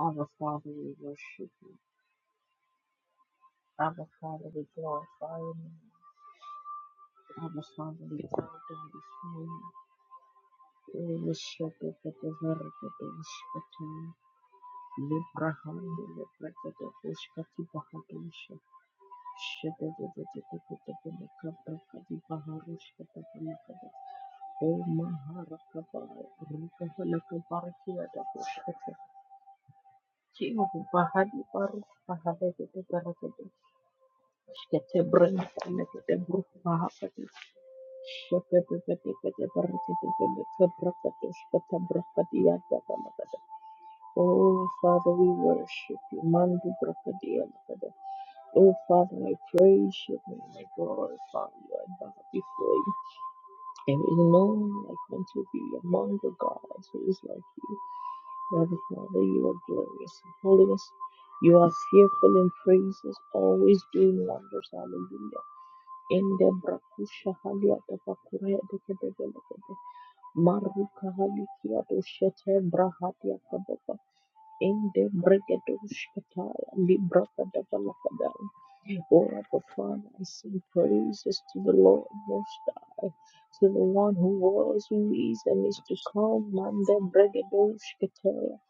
I will fatherly worship you. I will fatherly glorify you. I will fatherly adore you. I will worship the Father that is between you and I. I will praise Him that is between the Father and I. I will worship the Father that is between you and I. I will praise Him that is between the Father and I. Oh, my Lord, I will praise You for Your glory. I will praise You for Your majesty. Shkete brin kete bruk mahakati. Shkete kete kete berkete kete berkete shkete berkete ya kata makata. Oh, Father, we worship you. Mandu Brakadia Lakada. Oh, Father, I praise you and I glorify you. I bow before you. There is no one like unto thee among the gods who is like you. Brother Father, you are glorious in holiness. You are fearful in praises, always doing wonders. Hallelujah. Endebra kusha hali atapakure dekedebelekede maruka hali kiado shete brahati akababa ende bregedo shkataya libra kadabalakadai Jehovah the Father I sing praises to the Lord Most High to the one who was who is and is to come It's mande bregedo shkataya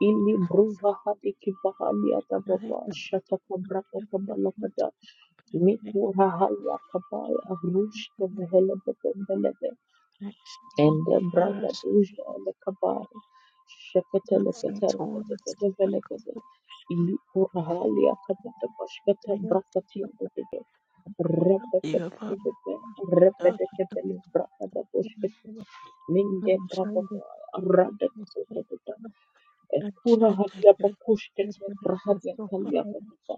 ili bruva hadi kibahali very atababa good shataka braka kabala because kadaya. we Mikura haya kabaya rushke vehele bebembelebe actually ende braga first duje ele kabaya shekete nuts and lekete rekete toilets pete and velekete ilikura hali akapata pashkete conveyors brakati akutete and quarter repete the pete above pete the repete kepele brakata poshkete We minde brabaka rada kepete pete ekura hali we apakushkete have brahati so far akali apakata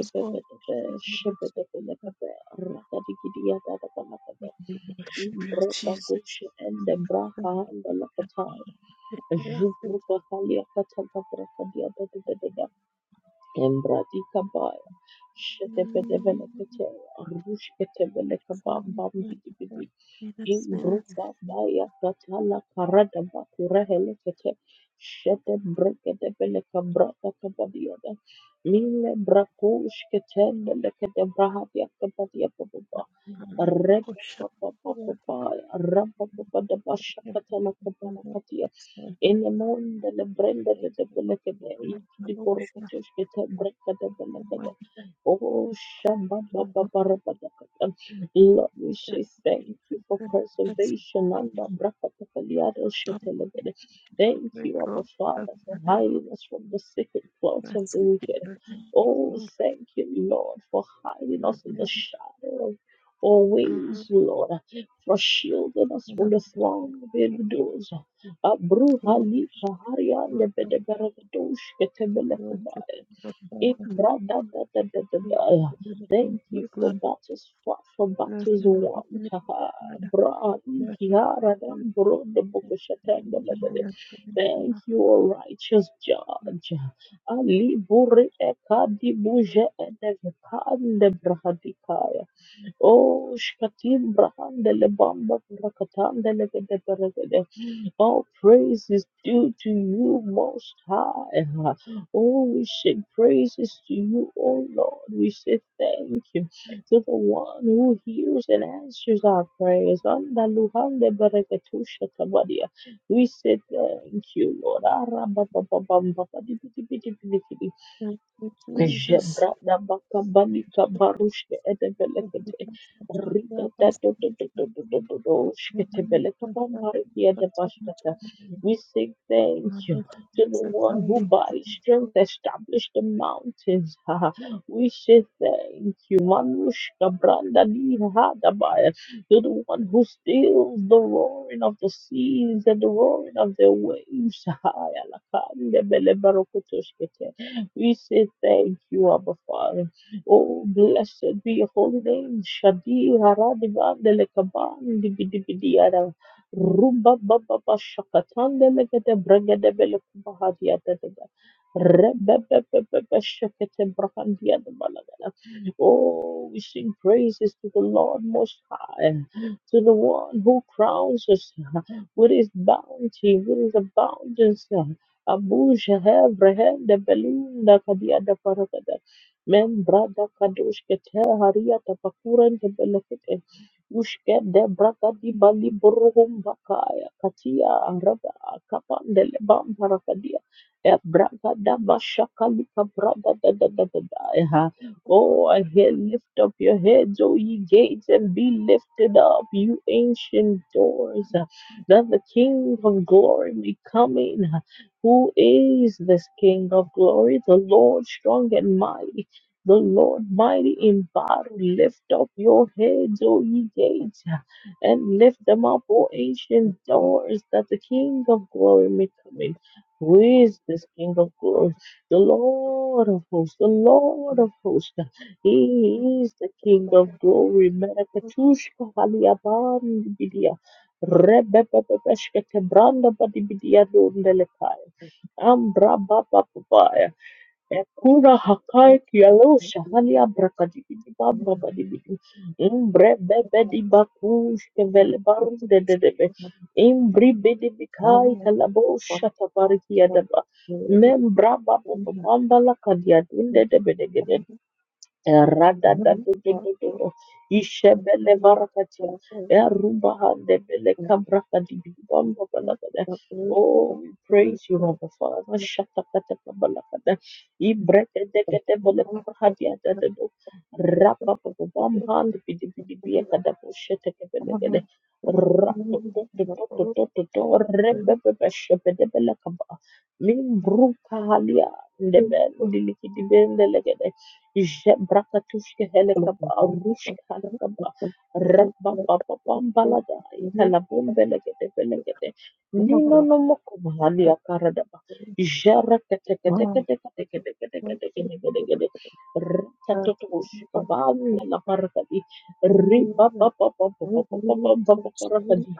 as well. shebebebelekebe, rakadikidiadadabalakada, We worship you, Jesus. imbrekabushe, endebraha, endelakataya, Yes, it's zhubrukakaliakatakabrokadiadadadadada, embradikabaya, shedebedebelekete, for arushketebelekabambambidibidi, the sinners. Imbruba baya katala parada bakurehele kete shete brekete beleka brata kabadiada mile brakush ketende lekete brahadia kabadia bababa reka papa papa papa rapa papa da basha katala Thank in the morning, the brand that the Pelacada, the belakada, the borokotosh the brenda the belakada. Oh, shamba baba barabadakada. Lord, we say thank you for preservation and the brakatapaliado shetelebede. Thank you, Abba Father, for hiding us from the secret plots of the wicked. Oh, thank you, Lord, for hiding us in the shadow of your wings, Lord for shielding us from the throng of evildoers. Abruhali Kaharia Nebedeberagadosh Ketebelekabaya. Ibradadadadadadaya. Thank you for battles fought, for battles won. Taha Brahani Kihara Nambro de Bokushatendelebede. Thank you, O righteous you. judge. Ali Buri Ekadi Buje Edekan de Brahadikaya. Oh, Shkatim Brahan de Lebamba Rakatan de Legade all praise is due to you, Most High. Oh, we sing praises to you, O Lord. We say thank you to the one who hears and answers our prayers. Anda luhande bereketusha tabadia. We say thank you, Lord. Arababababam, Thank you, Jesus. Jebra da baka balika barushke edebelekete Forgiveness and to be rida our da first do do do minister. do do do do do In shkete the name beleka of God, and bambarikia of de the Son, We say thank of you the to the one who by his strength established the mountains. Ha, ha. We say thank you, Manushka Branda di ha to the one who steals the roaring of the seas and the roaring of the waves. Ha, ya la bele barokoto we say thank you, Abba Father. Oh, blessed be your holy name. Shadi Haradivandele Kabandi Bidibidiada. Rumba Baba Shakatandele Gede Bregede Bele Kubahadiata. Rebebebebebe Shakete Brahandiada Balagada. Oh, we sing praises to the Lord Most High, to the one who crowns us with his bounty, with his abundance. Abu Shahab Rehem the balloon, the Kadia the Parakada Mem Brada Kadosh Kete Haria Tapakuran the Belefite Ushke de Brada di Bali Burhum Bakaya Katia Arada Kapan de Leban Parakadia E Brada da Bashakali Brada da da da da da Eh, ha, Oh, I hear lift up your heads, O ye gates, and be lifted up, you ancient doors that the King of glory may come in. Who is this King of glory? The Lord strong and mighty, the Lord mighty in battle. Thank Lift up your heads, O ye gates, and lift them up, O ancient doors, that the King of glory may come in. Who is this King of glory? The Lord of hosts, the Lord of hosts. He is the King of glory. Merakatushka Haliaban Bidia. Rebebebeshka Tebranda Badibidia dundelekaya. Ambra baba babaya. Ekura you. hakai kialo shahali abra kadibidi baba kadibidi. Imbre bebe di bakush kevele barun de de de be. Imbri bidi bikai kalabo shata bariki adaba. Membra baba bamba la kadia dunde de be de Radadadadadadada. Ishebele varakatia. Eruba handebele kambraka dibidibamba balakada. Oh, we praise you, Abba Father. Shatakataka balakada. Ibrekedeketebele kurhadiadadado. Rapapapabamba libidibidibiakadabo shetekebelekede. Ratototototototo. Rebebebeshebedebelekaba. Mimbruka halia. Ndebendilikidibendelekede. J brakatushke heleka ba rushka heleka ba r ba ba ba ba ba baladi kalabun belge de belge de Thank nino noko bahadi akaraba jareke deke deke deke deke deke deke deke deke deke deke deke r satu tushke ba kalapadi r ba ba ba ba ba ba ba ba ba kalapadi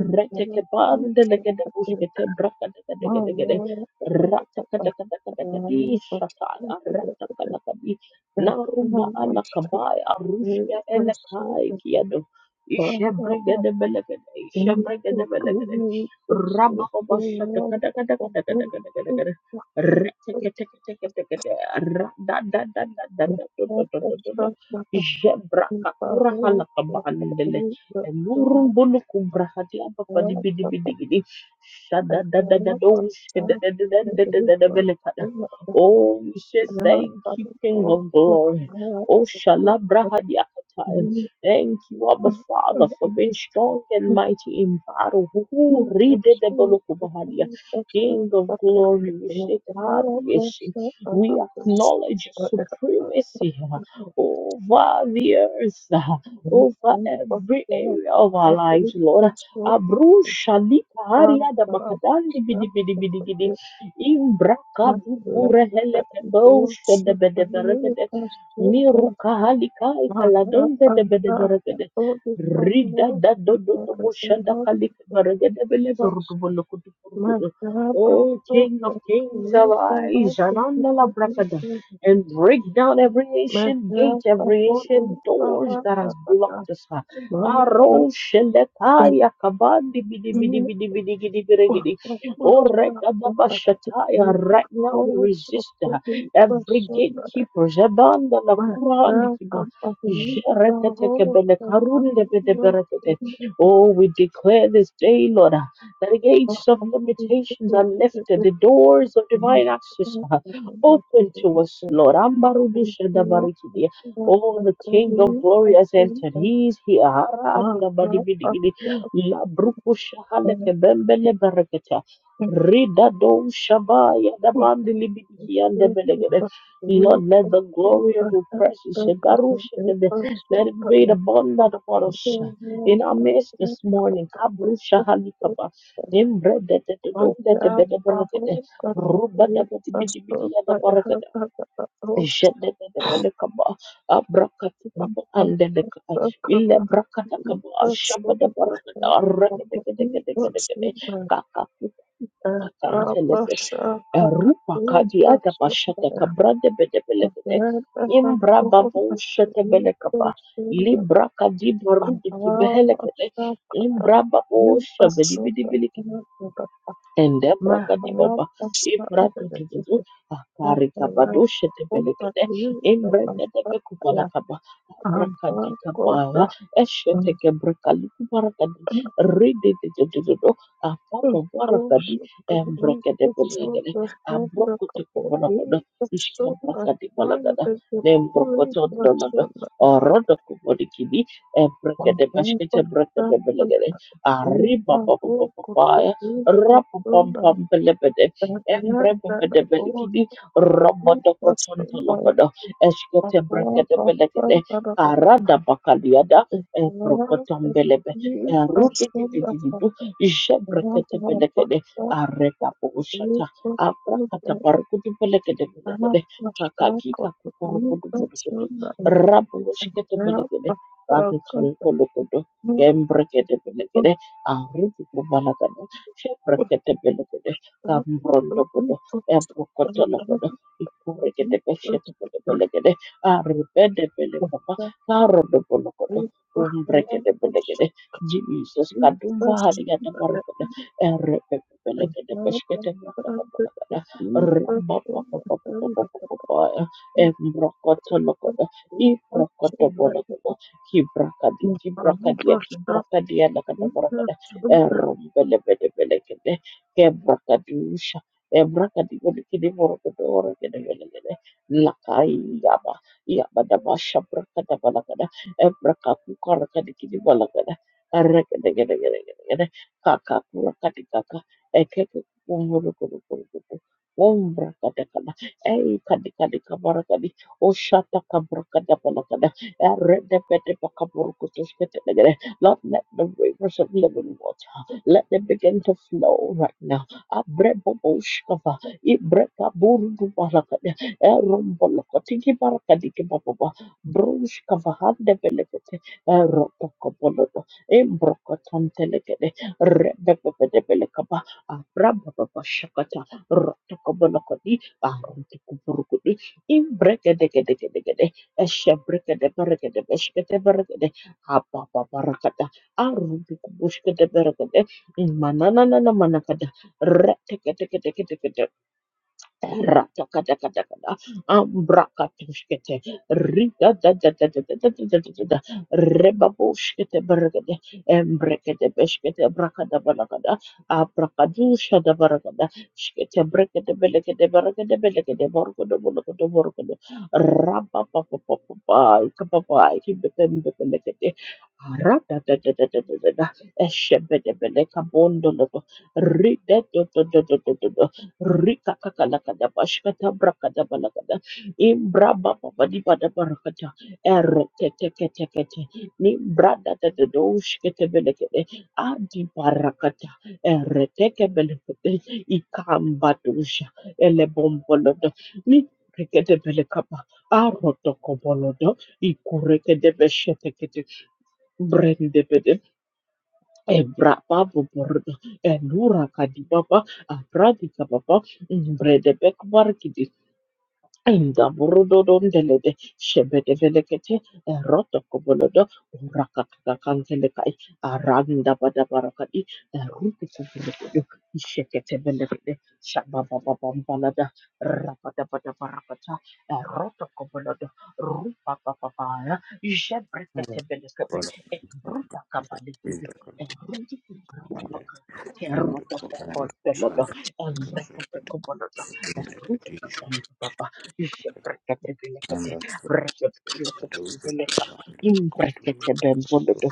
r cheke ba deleke de tushke te brakat de de de de de de r chakat chakat chakat chakat di saka r chakalakadi La rumba Larumba alakabai arushka elakai you. kiado. Ishebregede belegede. Ishebregede belegede. Rabba obashata kada kada kada kada kada kada kada. Reteketeketekete. Rada da da da da da da da da da da da. Thank Jebraka kura you. halakabaandele. Elurun bulu kubrahati apa padi bidi bidi gidi. Shada da da da da ushke da da da da da da da da belekada. Oh, we say thank you, King of Glory. Oh, Shalabrahadiakatai. Thank you, Abba Father, for being strong and mighty in battle. Who readed the Ridedebolokubahadia. King of Glory, we say, God, yes, we acknowledge your supremacy uh, over the earth, uh, over every area of our lives, Lord. Abru Shalika Haria da Bakadandi Bidi Bidi Bidi Gidi My Imbrakadu left burehele foot kebo will shoot the shedebedebere little bastard and Miruka halikai my up kaladonze I de bede thought the beregede. oldest was Rida more da do than do the do bushada kalik environment of beregede the bele zurdu flesh. bolo kudu my kudu. Oh, King of Kings, Thank you. by all arise, the Jananda la people in brakada, the and break study. down every My ancient job gate, I every thought ancient you by doors all that has the other. blocked us. My job Aro and shelekaya kabandi bidi bidi you bidi bidi bidi bidi by bidi. the Oh, master of the rekadabashataya, people right now we also resist. the Every person gatekeeper, Jadanda la myself Kurandikiba, up of the whole Jereketekebele fuck up the world. Karundebedeberekete. Oh, we declare this day, Lord, uh, that the gates of limitations are lifted, the doors of divine access are open to us, Lord. Ambarudu Shadabarikidi. Oh, the King of Glory has entered. He is here. Haranda Badibidigidi. La Brukushahalekebembele Berekete. Thank Ridado Shabaya Dabandi Libiki and the Belegade. Lord, let the glory of your presence and Baruch and let it be abundant upon us in our midst this morning. Kabrusha Halikaba. you. Imbre de de de do myself, I hope that the Ruba de three de de de us both I have had a host of Jedededebelekaba, abrakatukuba, andelekaba, the capacity ilebrakadakaba, of some by that shabadabarakada, of the people rekedegedegedegede, soon by a kakakukukukakantelebe, Abasha Katari erupakadiataba, person there, and shatakabradebedebelekede, then I have called imbrababu, the three shatebelekaba, person that librakadibarudikibelekede, Ahamasha imbrababu, Katari person shabedibidibiliki. that I have Endebra Maharam Kadibaba, Ashram Ibratutu, Thank Akarika Badosha Tebelekede, Imbreka Tebekubalakaba, Abrakadikabara, Esheteke Brakalukubarakadi, Rididididididdo, Apapa Barakadi, Embreka Tebelekede, Abrokotokubalakada, Ishkabrakadi Balagada, Nembrokotodonada, Orodokubodikidi, Embreka Tebashkete Breka Tebelegede, Arriba Rapapampambelebede, Embrebebedebelekidi, Romodokotontolokodo, Esketebrkedebelekede, you. Karadabakaliada, Thank Ebrokotombelebe, you. Erudududududud, Jebreketebelekede, Arekaposhata, Abrakatabarukudubelekedebelekede, Kakakikakukurukudubudukudu, Rabushketebelekede, Rakitolokolokodo, Embrekedebelekede, Sheprekete Cambrondo Buddha, Ebrocotona Buddha, Ikurigate Beshetakata Belegade, Aribede Belecapa, Caro de Bolocoda, Umbrecate Belegade, Jesus Kadumba Hadiata Baracada, Erepe Belegade Beshkete Rakata Balagada, Rabba Embrocotona Buddha, Ibrocota Bolagada, Kibrakadi, Thank you. Kibrakadia, Kibrakadia, Erumbelebelebelekede, Kebrakadusha, Ebrakadibalikidi Borokadorokadebelekede, Lakai Yaba, Yabadabasha Brakadabalakada, Ebrakakukarakadikidibalakada, Erekedegedegedegede, Kakakurakadikaka, Ekekukukurukurukurukuruku, Umbrakadakada, Eikadikadikabarakadi, Oshatakabrakadabalakada, Eredepedepakaburukutushketegede, Lord, let the rivers of living water, let them begin to flow right now. Abreboboshkava, Ibrekaburdubarakada, Erombolokatikibarakadikibababa, Brushkavahandevelekete, Eropokobolodo, Embrokotantelekede, Rebebebebelekaba, Abrabababashakata, Rotokobolokodi, Arotokoburukudi, Imbrekedegedegedegede, Eshebrekedeberekedebeshkedeberekede, apa papa rakata. Arubi kubushkete berekete. Mananana manakata. Retekete kete kete kete Ratakatakatakata, ambrakatushkete, ridadadadadadadadadadada, rebabushkete barakade, embrekete beshkete brakada barakada, abrakadusha barakada, shkete brekete belekete barakade belekete borkodo bolokodo borkodo, rabapapapapapai, kapapai, kibepembe belekete, radadadadadadada, eshebede beleka bondoloto, ridadadadadadada, Rika kakalakada bashkata brakada balakada imbra baba badi bada barakata erete teke teke te ni brada te te doush kete belekede adi barakata erete ke belekede ikamba dusha ele bombolodo ni rekete belekapa aroto kobolodo ikureke de beshete kete brende Ebrapa borda, elura kadibaba, abradika kababa, brede bekbar Inda burudodondelede shebedevelekete eroto kobolodo urakakakankelekai aranda badabarakadi erukukukukudu isheketebelekede shababababambalada rabadabadabarakata eroto kobolodo rupapapapaya Father, ishebreketebelekebe God, in ebrutakabalekidi the command erukukukukukuka and the covenant and terotokokotelodo the covenant of it erukukukukulodo in the petition and Ishebrekebelekete, the fruit of the doors of the rekebeleketebeleka, land of Kotu to imbreketebembolodo,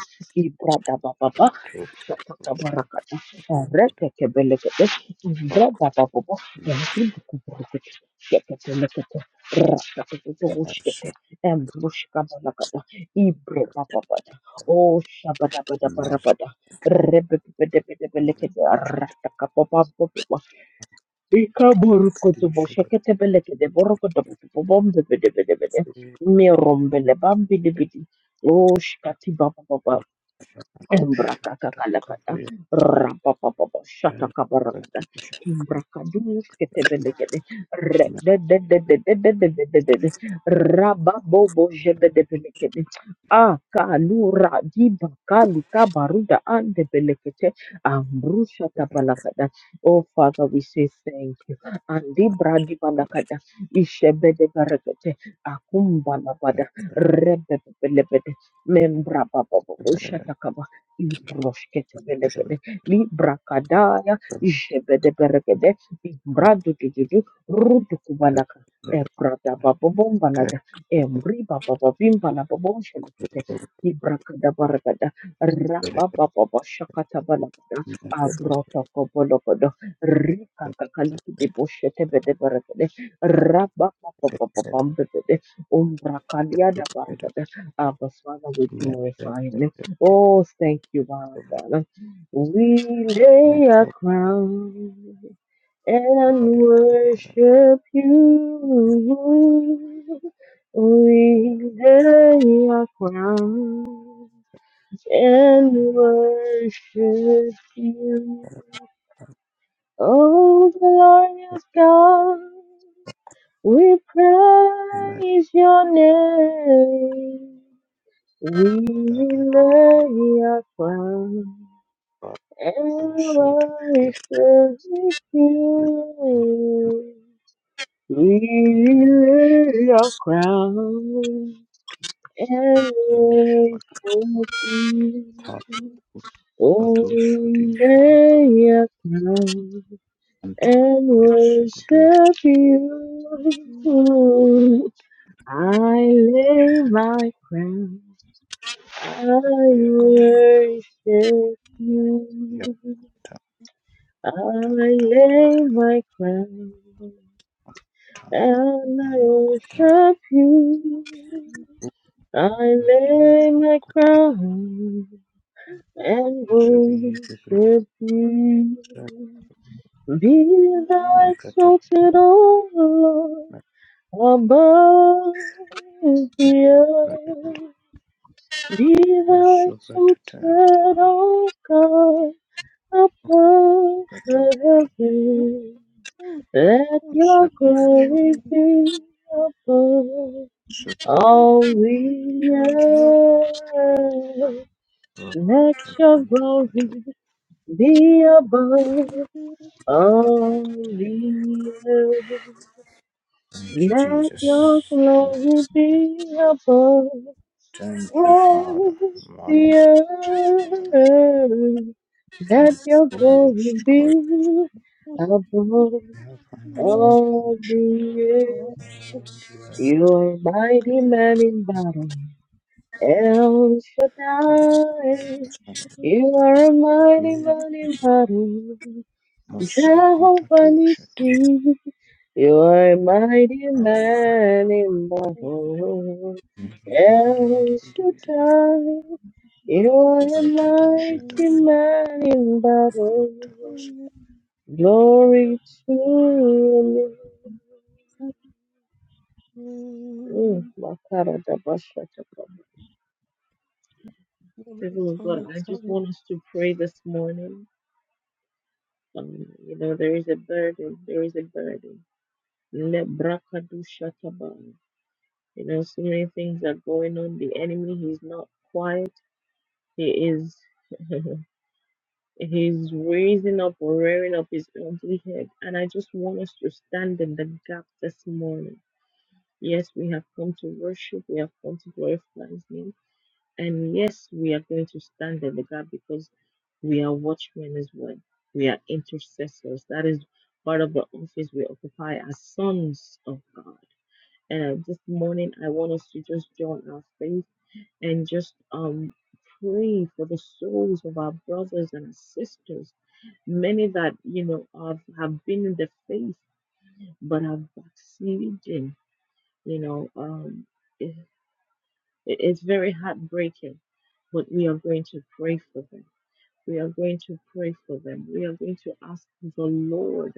and ibradabababa, to the process of shakatabarakata, rekekebelekete, rock imbradabababa, with yakindikubrekete, shekebelekete, rakatetetebushkete, myself embrushkabalakata, ibrebababada, Oh, in my son shabadabadabarabada, the rebebebedebelekete, ratakapapapapa, Ika tonic burkutu bu tisha got şekete belekede burkutu bu bu bom de bede bede the bede. free Mirom bele bam bidi bidi. Oş kati baba baba. not a Embrakakalakata, copy rapapapapa, and the shatakabarakata, tisha imbrakadus ketebelekede, rededededededededede, rababobo jebedebelekede, akalura diba kalikabaruda andebelekete, ambrushatabakata. Oh, Father, we say thank you. Andibra matters dibalakata, ishebedebarakete, that akumbalabada, the rest rebebelebede, membrabababo, of the rest of the rest of the shatakaba. Ibroshkete rest of the rest of the rest of the rest of the rest of the rest belegede, of librakadaya, jebede beregede, ibradu dududu, rudu kubalaka, ebrada babobombalada, embri bababimba babomshelekete, ibrakada the baragada, rabababa shakata balagada, rest of abrota kobologodo, rika the kakalaki deboshete bede beregede, rabababababambebede, umbrakaliada baragada. Abba Father, we glorify you. Oh, thank you, my Father. We lay our crown and worship you. We lay our crown and worship you. Oh, glorious God, we praise your name. We lay our crown I worship you. We lay your crown and worship you. Oh, we lay your crown and worship you. I lay my crown. I worship you. I lay my crown and Yes, I worship you. I lay my crown and Zabizi worship you. presa Be thou nakata exalted, O Lord, above the nakata earth. Be thou also, but exalted, O God, above Kato the heavens. Let your separation, glory be above separation, all the earth. Let your Rakanta Kato glory be above all Arakata. the earth. Thank you, Let your Jesus. glory be above Thank you, all Father. the Marakata, Marakata. earth. Let Thank your you, Holy glory Ghost. God. be above Marakata, all Shabarara. the earth. Marakata, You're a mighty man in battle, El Kavara, Marakata, Shaddai. You are a mighty Pindi, man in battle, Mosso, Jehovah Pratato, Shati, Nissi. You are a mighty Hallelujah. man in battle, El Shaddai. You are a Marakata, Thank mighty you. Shadakata, man in battle. Thank Glory to you. People of God, I just want us to pray this morning. Um, you know, there is a burden. There is a burden. Lebrakadu shataba. You know, so many things are going on. The enemy, he's not quiet. He is, he's raising up or rearing up his ugly head. And I just want us to stand in the gap this morning. Yes, we have come to worship. We have come to glorify his name. And yes, we are going to stand in the gap because we are one. We are is part of the office we high as sons of God. And uh, this morning, I was in our faith and just um pray for the souls of our brothers and there's many that you know have, have been in the faith but have backslidden. You know, um, it, it- it's very heartbreaking, but we are going to pray for them We are going to pray for them. We are going to ask the Lord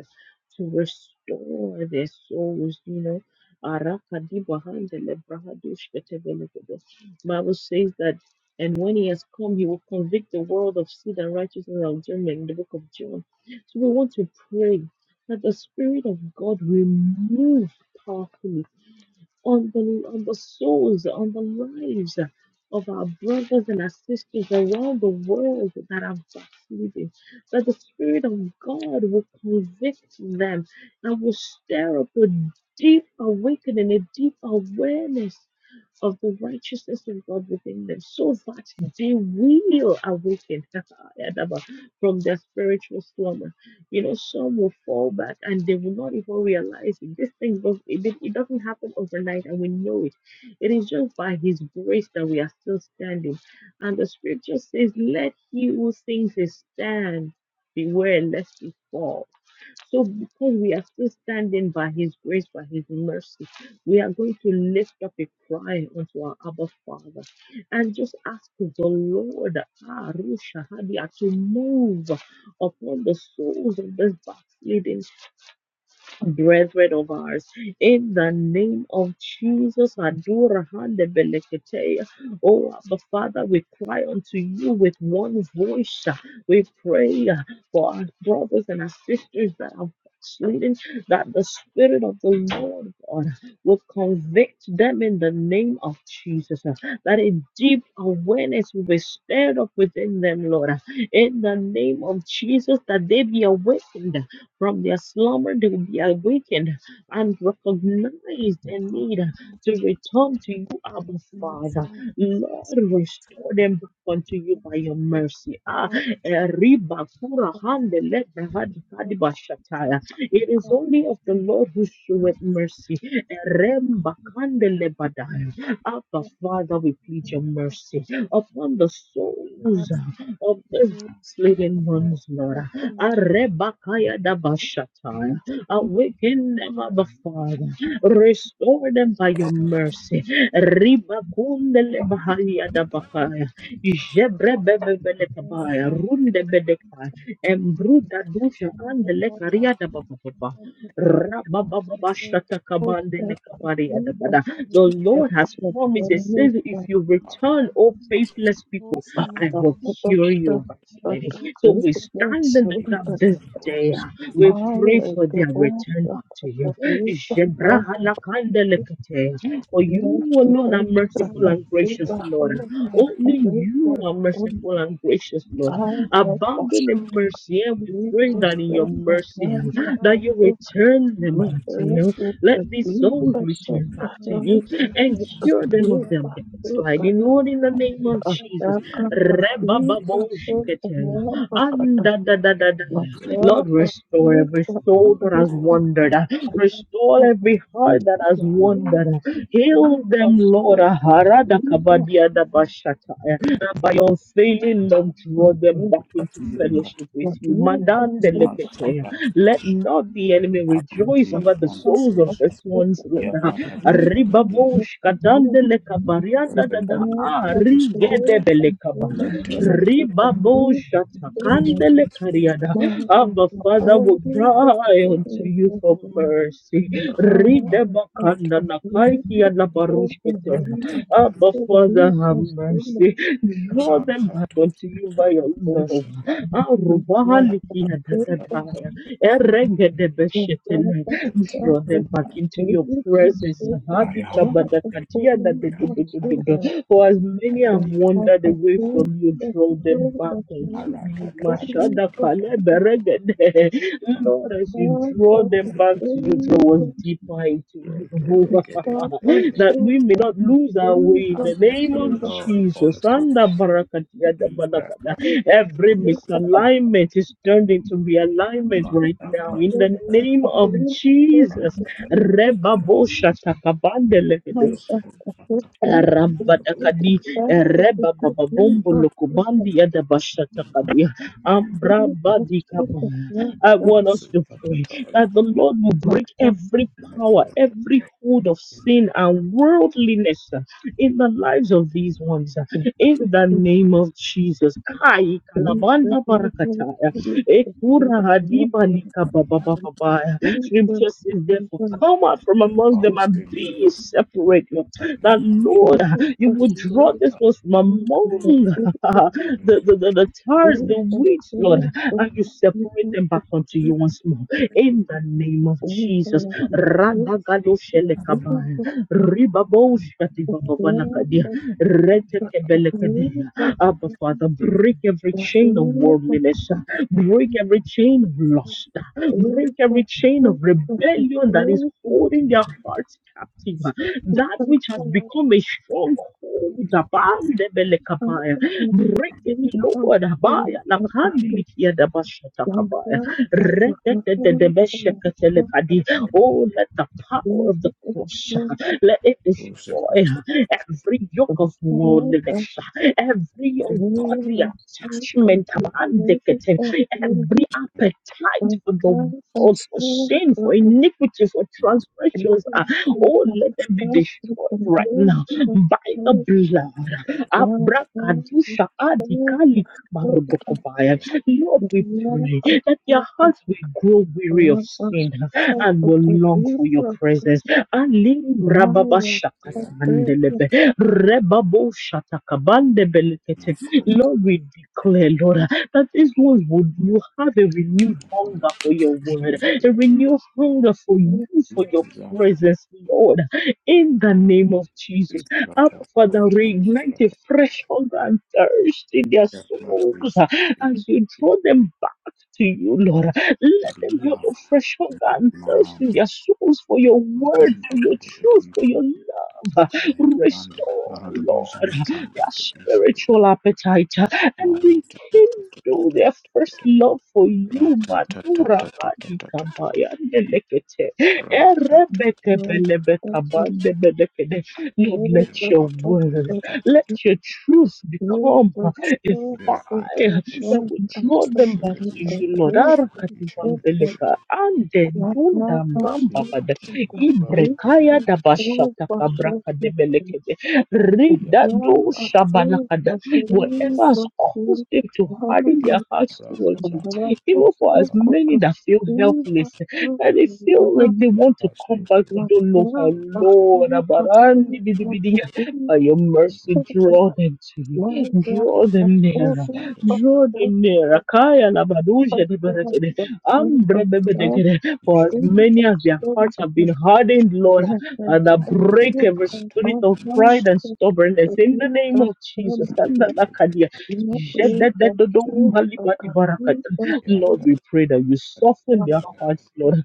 to restore their souls, you know. Arakadibahandele brahadushketebelekedes. Bible says that and when he has come, he will convict the world of sin and righteousness and judgment in the book of John. So we want to pray that the Spirit of God will move powerfully on the on the souls, on the lives of our brothers and our sisters around the world that are backsliding. That the Spirit of God will convict them and will stir up a deep awakening, a deep awareness of the righteousness of God within them, so that they will awaken from their spiritual slumber you know, some will fall back and they will not even realize it. This thing does it, did- it doesn't happen overnight, and we know it. It is just by His grace that we are still standing. And the scripture says, Let he who thinks he stand beware lest he fall. So, because we are still standing by His grace, by His mercy, we are going to lift up a cry unto our Abba Father and just ask the Lord ah, Rushahadiah, to move upon the souls of this backslidden brethren of ours. In the name of Jesus, Adura Hande Belekete. oh Abba Father, we cry unto you with one voice. We pray for our brothers and our sisters that are backsliding, that the Spirit of the Lord God will convict them in the name of Jesus. That a deep awareness will be stirred up within them, Lord. In the name of Jesus, that they be awakened from their slumber they will be awakened and recognized in need to return to you, Abba Father. Lord, restore them back unto you by your mercy. Ah, Eriba Kura Hande Lebra Hadi Kadi Bashataya. It is only of the Lord who showeth mercy. Eremba Kande Lebadaya. Abba Father, we plead your mercy upon the souls of the backslidden ones, Lord. Arebakaya dabashataya. Awaken them, Abba Father. Restore them by your mercy. Ribakundele bahaya dabakaya. Jebrebebebele kabaya. Runde you. bedekaya. Embruda dusha Explains that andele large Love, karia dabakapa. problems appear to Rababababashata kabandele love, kabaria dabada. The public Lord has promised, it says, if you love. return, O Love, faithless people, both in it I will and cure you. from The real by so we estate stand in the Even gap came academic down this the Holy day. Spirit. We They pray for their return back to you. stopped have the of the our Shebrahalakandalekete. For conscience. you alone are merciful and gracious, conservative That's what Lord. they're trying to Only find. you are Uh, form of merciful and gracious, let's go Lord. Abounding in mercy, and we pray grow their that in your consciousness. mercy, That's all. art that you return them My God, back to throat you. Jesus is is Let the these beat souls of some return the back and to King. hell. you The and activities beat of Jesus, cure them that's of who before their some backsliding, not Lord, in the name of fix it. Jesus. He attack is of the our God. beat They of some Rebababosheketea. hell. And da, da, da, da, da. My throat Lord, was restore sick every of a soul that beat has grow up. of wandered. uh, Restore some every heart that has My head wandered. uh, Heal beat of them, Lord. some uh, harada of kabadia da bashata, uh, and By unfailing love, the draw them beat We are back not the soul of the of into continue sick to come to fellowship with of you. beat of Madan de our some lekete. Sabbath. Let not the enemy Have rejoice My mercy over the upon the throat souls of was church. this ones, a Lord. Yeah, beat uh, brother, this, brother, this. of Ribabosh katande some lekabarianda da Everyone da. come Ah, to this altar. But rigede in the Let heart every of the Ribabo leader is this the be shatakandele a spiritual kariada. God. mind of Abba, the Father, and will order, the the cry spirit heart. unto of you the God for of the leader mercy. is the Rata mind tata Ridebakanda of the leader, nakaiki the spirit of the adabarushkete. rata God of the tata Abba, heart of the Father, leader, have the spirit of mercy. Draw rata them back unto you tata by your God of the leader, love. ya Arubaliki tata the adadadaya. Eregedebeshetele. spirit Draw of the them back rata into your presence. aya the Habika heart of the leader, the spirit of the God of the kaya badakatia leader, kaya the spirit of da for as many kaya the have di wandered away kaya from you, draw them back unto ara da you. da da da Mashada da kale da beregede. Lord, as you God draw of them back the to you, draw leader. us deeper into you, da da The God of that da truth we may that not lose our we way in was Have the name mercy, O in of the Lord, upon the Jesus. souls. Anda barakatia da Me, balakada. Raka, faith Every that is Duku, Duku, misalignment is turned into realignment Ma, right Raka, now in the the Raka, faith name that of is Jesus. Raka, Reba Raka, bo shata kabande and the faith is the Raka, faith Yo, Rabadakadi of God is the Reba good Baba news Bombo of truth and Lokobandi Adabashatakadi Ambra truth of truth of Badikaba. God I of want us to pray that the Lord will my break every power, every hold of sin and worldliness uh, in the lives of these ones. uh, faith. This In the is name of Jesus. Kai the news of Kalabanda the Lord Barakataya. Jesus and Ekura the Lord Hadiba and Likabababababaya. the truth was Scripture says, in therefore, the come out from among them faith. and be separate that Lord, This is you the would draw truth. this was from This is the among truth. the, the, the, the This tares, is the the weeds, Lord, and you truth separate them of back unto Jesus. you once more. In the name of We Jesus. can see the people Radagadoshelekabaya, who speak the fear ribaboshkatibababanakadia, that speaks the fear that retekebelekadeya. speaks the fear Abba, Father, break every that chain of fear that worldliness, break every chain of lust, break every chain of speaks the rebellion that is fear that holding their hearts captive. That becomes which has Thank the you. become a stronghold, heart Abandebelekabaya. of the fear break it, Lord. Abaya, Nakandilikia of Dabashatakabaya. fear the public language of the husband of the Rededededebeshekatelekadi. Oh, let the fear of shame of the fear of fear of shame of the fear of fear power of of the cross, uh, let it destroy uh, every yoke of worldliness, uh, every ungodly attachment, abandekete, every appetite for the world, for fear sin, for of shame iniquity, for Thank transgressions. Oh, let them be destroyed right now by the blood. Abrakadusha adikali kabarodokovaya. Lord, we pray that their hearts will grow weary of sin and will long for your presence. Alim brababa shakatandelebe. Rebabo shatakabandebelekete. Lord, we declare, Lord, that these ones would you have a renewed hunger for your word, a renewed hunger for you, for your presence, Lord, in the name of Jesus. Up, Father, reignite a fresh hunger and thirst in their souls uh, as you draw them back to you, Lord. Let them have a fresh hunger and thirst in their souls for your word, for your truth, for your love. Yatanda Restore, Maradubuza Lord, Matanda their to Bishop. spiritual appetite uh, Oh, and Yakabra, rekindle their first love for you, Madura Adi Kabaya Erebekebelebekabandebelekede. Lord, let your word, let your truth become a fire that will draw them back to you, Lord. you. Arakatibambeleka, Not now, but soon to andendundambambabada, the great and full for certain things. ibrekayadabashatakabrakadebelekede, Now, but soon ridadoshabalakada. the great Whatever Kabra, has was caused filled them to and have harden a their hearts towards Kabra, you, consumer, but even for so as could many to that feel be but helpless soon and they to feel now, like they want to come back but not don't know how now, Kabra, but Kabra, Lord now, but soon not Abarandibidibidi, Mbuzi to be by your mercy to the draw them to you now, yeah, but draw wakat every them nearer usunda but draw soon to them nearar the person of Kaya the Labaduje Deberekede, Son of sabata God, Ambrebebedekede, for as be ishakati many but as their soon it will hearts have come. been hardened shakati Lord Thank and I mato kato break every spirit of pride and sundu stubbornness in the name of Jesus sunda and that kato Akadia. kato kusa Lord, yakata we pray that you kata soften their kata hearts, Lord.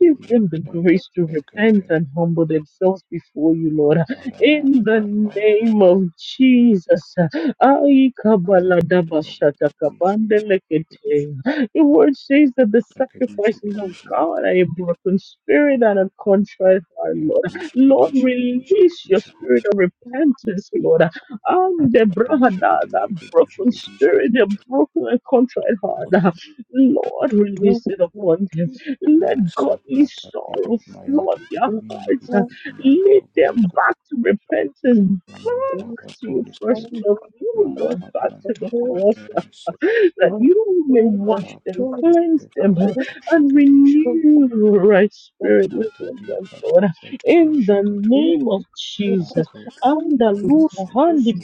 Give them the yata grace to kata repent kata and humble themselves before you, Lord. ara In the name of Jesus. Ai ara kabaladabashata aya kabandelekete. Your word says that the ishakati shakati sacrifices shakati of shakati shakati God are a broken spirit and a contrite heart, Lord. ishakati Lord, shakati shakati release shakati shakati shakati your spirit of repentance, Lord. And the brahada, that shakati broken shakati spirit, the broken and contrite heart. shakati Lord, shakati release it upon them let godly Masapratati, sorrow Mayati, flood their Divindi, hearts. uh, Gidigidiyan, Lead Kubandu, them back Kubatyan, to repentance. with Back the help of to your Holy first Spirit, love, you Lord, Rata, back to Pranta, the cross, uh, Kuvadan, that you may wash Sapita, them, Tuku, cleanse them, uh, Rupavati, and Shigadi, Shagadi, renew your right spirit Anata, within them, Dika, Lord. Tukurati, In the Shakata, you. name of Jesus. Alako, And the Takaratu, Lord, Sukusu,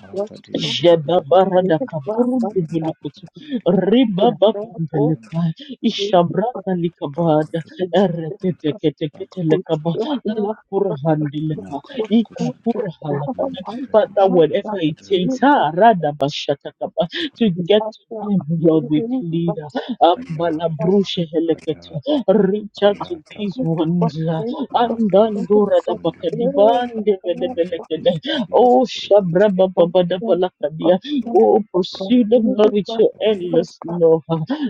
Anata, Dika, Jebabara da Dukudukudukudundi, kaburu Gidigidiyan, dibulikutu. Gidigidiyan, Ribaba Gidigidiyan, bumbeleka. Ishabraka likabada. Bakatu, Sukuna, Eretete kete kete Bakatu, lekaba. Lakura handileka. Thank Makatu, you. Kusunja, Ikakura got halakada. Mental British. Father, whatever it takes, Dubrugudi, ah, rada bashatakaba. To in get half to rock? them, Lord, You need we to plead. got ah, Ayataba, ambalabrushe helekete. Ayataba, Reach out to that these you Ayatakota, got ones. ah, this got Rato this Andandura da got Sukosundi, the and bakadibande Binja Kus, Binja Oh, Bredisha, Shabra one thing got Babadabalakandia. that Luka, Oh, got pursue them, you Lord, with got your Adosu, you endless got love.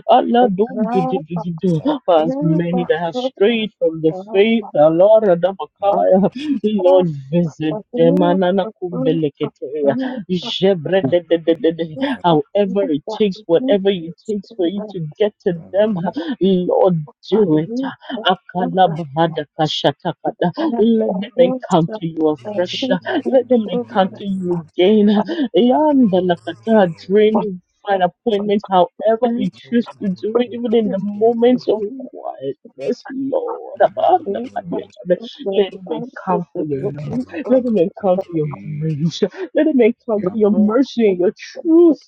Allah, the don't do, do, half do, of do, do. the For Lato, as you many Peter, got that have that strayed from the half of the you got the half of the faith, Allah, you Radamakaya. Rapa, Lord, got visit you got them. Anana kumbeleketea. Jebre de, de, de, de, de. Rava, However it takes, whatever it takes for you you to get to them, Rava, Lord, do it. got you got Akalabahadakashatakada. Let the Let them Lord shut encounter you the afresh. gates of Let them silver. encounter you again. Alpha, Yandalakata, Rava, dream, find appointment, however And you Omega, choose to do it, the even in the beginning and the moments of quietness, Lord. end, the Abandakadiakada. sun Let them is the beginning of the encounter your let love. your Let them glory encounter your be, grace. Let them encounter your world. The sea, mercy and the your truth.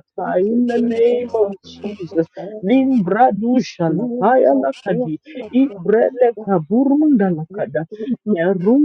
sea is In the the Welcome name to of Jesus. the Limbra dusha lakaya lakadi. Ibrele kaburunda end lakada. of the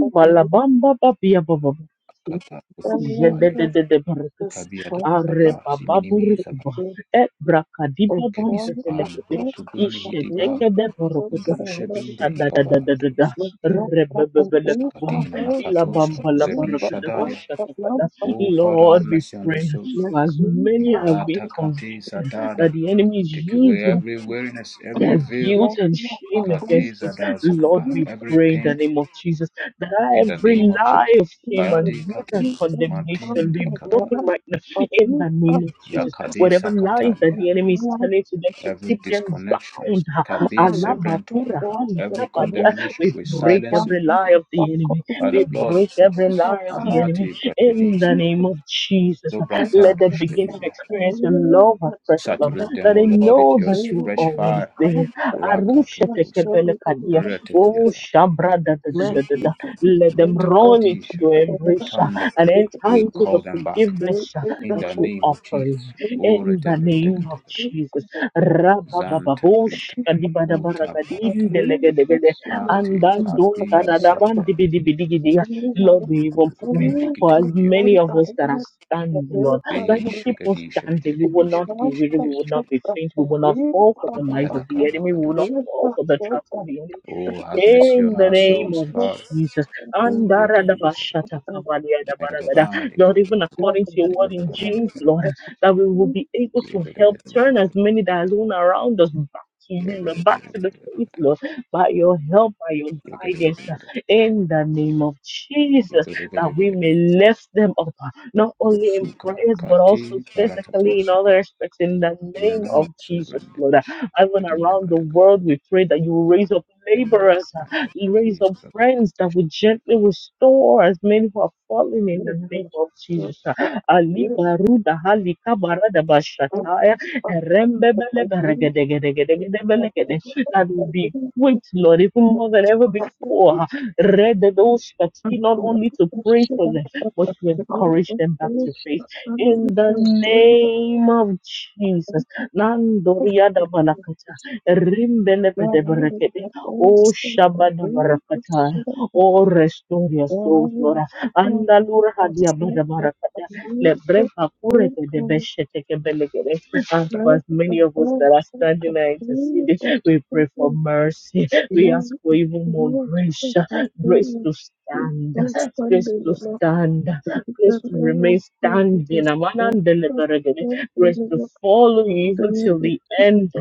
na pamoja labamba babia bababa. Kata Kutukupali. na Jedededede barakati. Kabiado Are Taba, Ziminimi Hisaba, bababurukuba. Ebra kadiba bambe Kebispal, telekede. Brutubuni vitu Hidiba, Isheteke somo de the Thank borokoto. Kudushe you. Binde Shadadadadadada. Hikabatus, Thank Rebebebele kaba. Zakatina Makatusa, Ilabamba Zebi labarakada Shadalia. bashatakada. Oh, Father, have Lord, we mercy on the pray souls. as many as we Marata Kati convicted Zadada. that the enemy is Take away using every weariness, every their veil. guilt you. and shame Kati against it. Zada Lord, Zugaba, we every pray in the pain. name of Jesus that In the name every of lie Jesus. of shame Sayadi and guilt and Katu, Martin condemnation be de Kadad. broken right now in the name of Jesus. Whatever Yakadisa lies that Katalia, the enemy is telling to them to every keep them disconnection, bound, Kabi Alabakura, Sebrentukupa, every Hanikabadia, condemnation, we we break silence it every lie of the enemy. by the We blood of break every Jesus. lie of the enemy Amati in the Bratevisa, name of Jesus. Let Dobratado them begin to Shkevivia. experience your love afresh, Lord Saturate them, that O I Lord, with know your that you're fresh always fire. there. Arusha Thank Rakatoku you. Saba, did that, I think tekebelekadia. I did Oh, that. Retetiaza, Shabra da da da da da da. Zukuto, Let them run into Metakatisha, your embrace uh, Utande. and enter We into the call them back forgiveness uh, in that the you name offer of Lord. Jesus. O in the Redeve name of Degadegade. Jesus. Zante Rabababush prita kuta I kadibadabaragadim barata really delegedegede, just see it. ate and I don't then think don da I kabi da did da that ban sete one. di bi di bi di gi di. And you know Lord, what? we kutu even kutu I pray kutundi really for as was kitikia. many sorry of that us I that are had a standing, Lord really bad that kabi will thing. keep us shagadi shagadi standing. We And will shagadi the not shagadi be one weary. We will shagadi not question shagadi be that faint. I We will not really fall for have the kabi a lies lot ala of the of kabra enemy. We will not kadosu really fall bad for the thought traps that I of the enemy. Oh, have mercy on In the our name didn't souls, of know. Father. Jesus. And Oh, I was Rakadisha. like, Andaradabashatakabaliadabaragada. Mayadabali Lord, kabra even yeah, according I to your kadada word really kadada in did baranda James, it. Lord, I kadada that we really will did be it. able to yagada help gada gada turn as gada many that are alone around us back to you, yagada gada Lord, back gada to the faith, gada Lord, by your help, by your yagada gada gada guidance, uh, in the name of Jesus, gada that yagada we gada may gada gada lift them up, uh, not only in Usuka prayers, but also kati physically in barakatus other aspects, in the name Yanama of children Jesus, Lord. devish Even around the Ridagataka world, we pray that you will raise up Yamarat laborers, and you raise up friends that Rizagash will gently restore as many who have fallen in Thank the name of Jesus. Uh, Ali baruda hali kabarada bashataya erembebele beregedegedegedegedebelekede. that will be equipped, Lord, even more than ever before. Read those that not only to pray for them, but to encourage them back to faith. In the name of Jesus. Nandoria da Balakata, you. Rimbelebede Berekede, O Shabada Barakata, O restore your souls, Lord. Andalura Hadia Bada Barakata, Lebrefa Kurete de Besheteke Belegede, and for as many of us that are standing and interceding, we pray for mercy. Thank We ask you. for even more grace, grace to stand, grace to stand, grace to remain standing. Amana grace to follow you even till the end.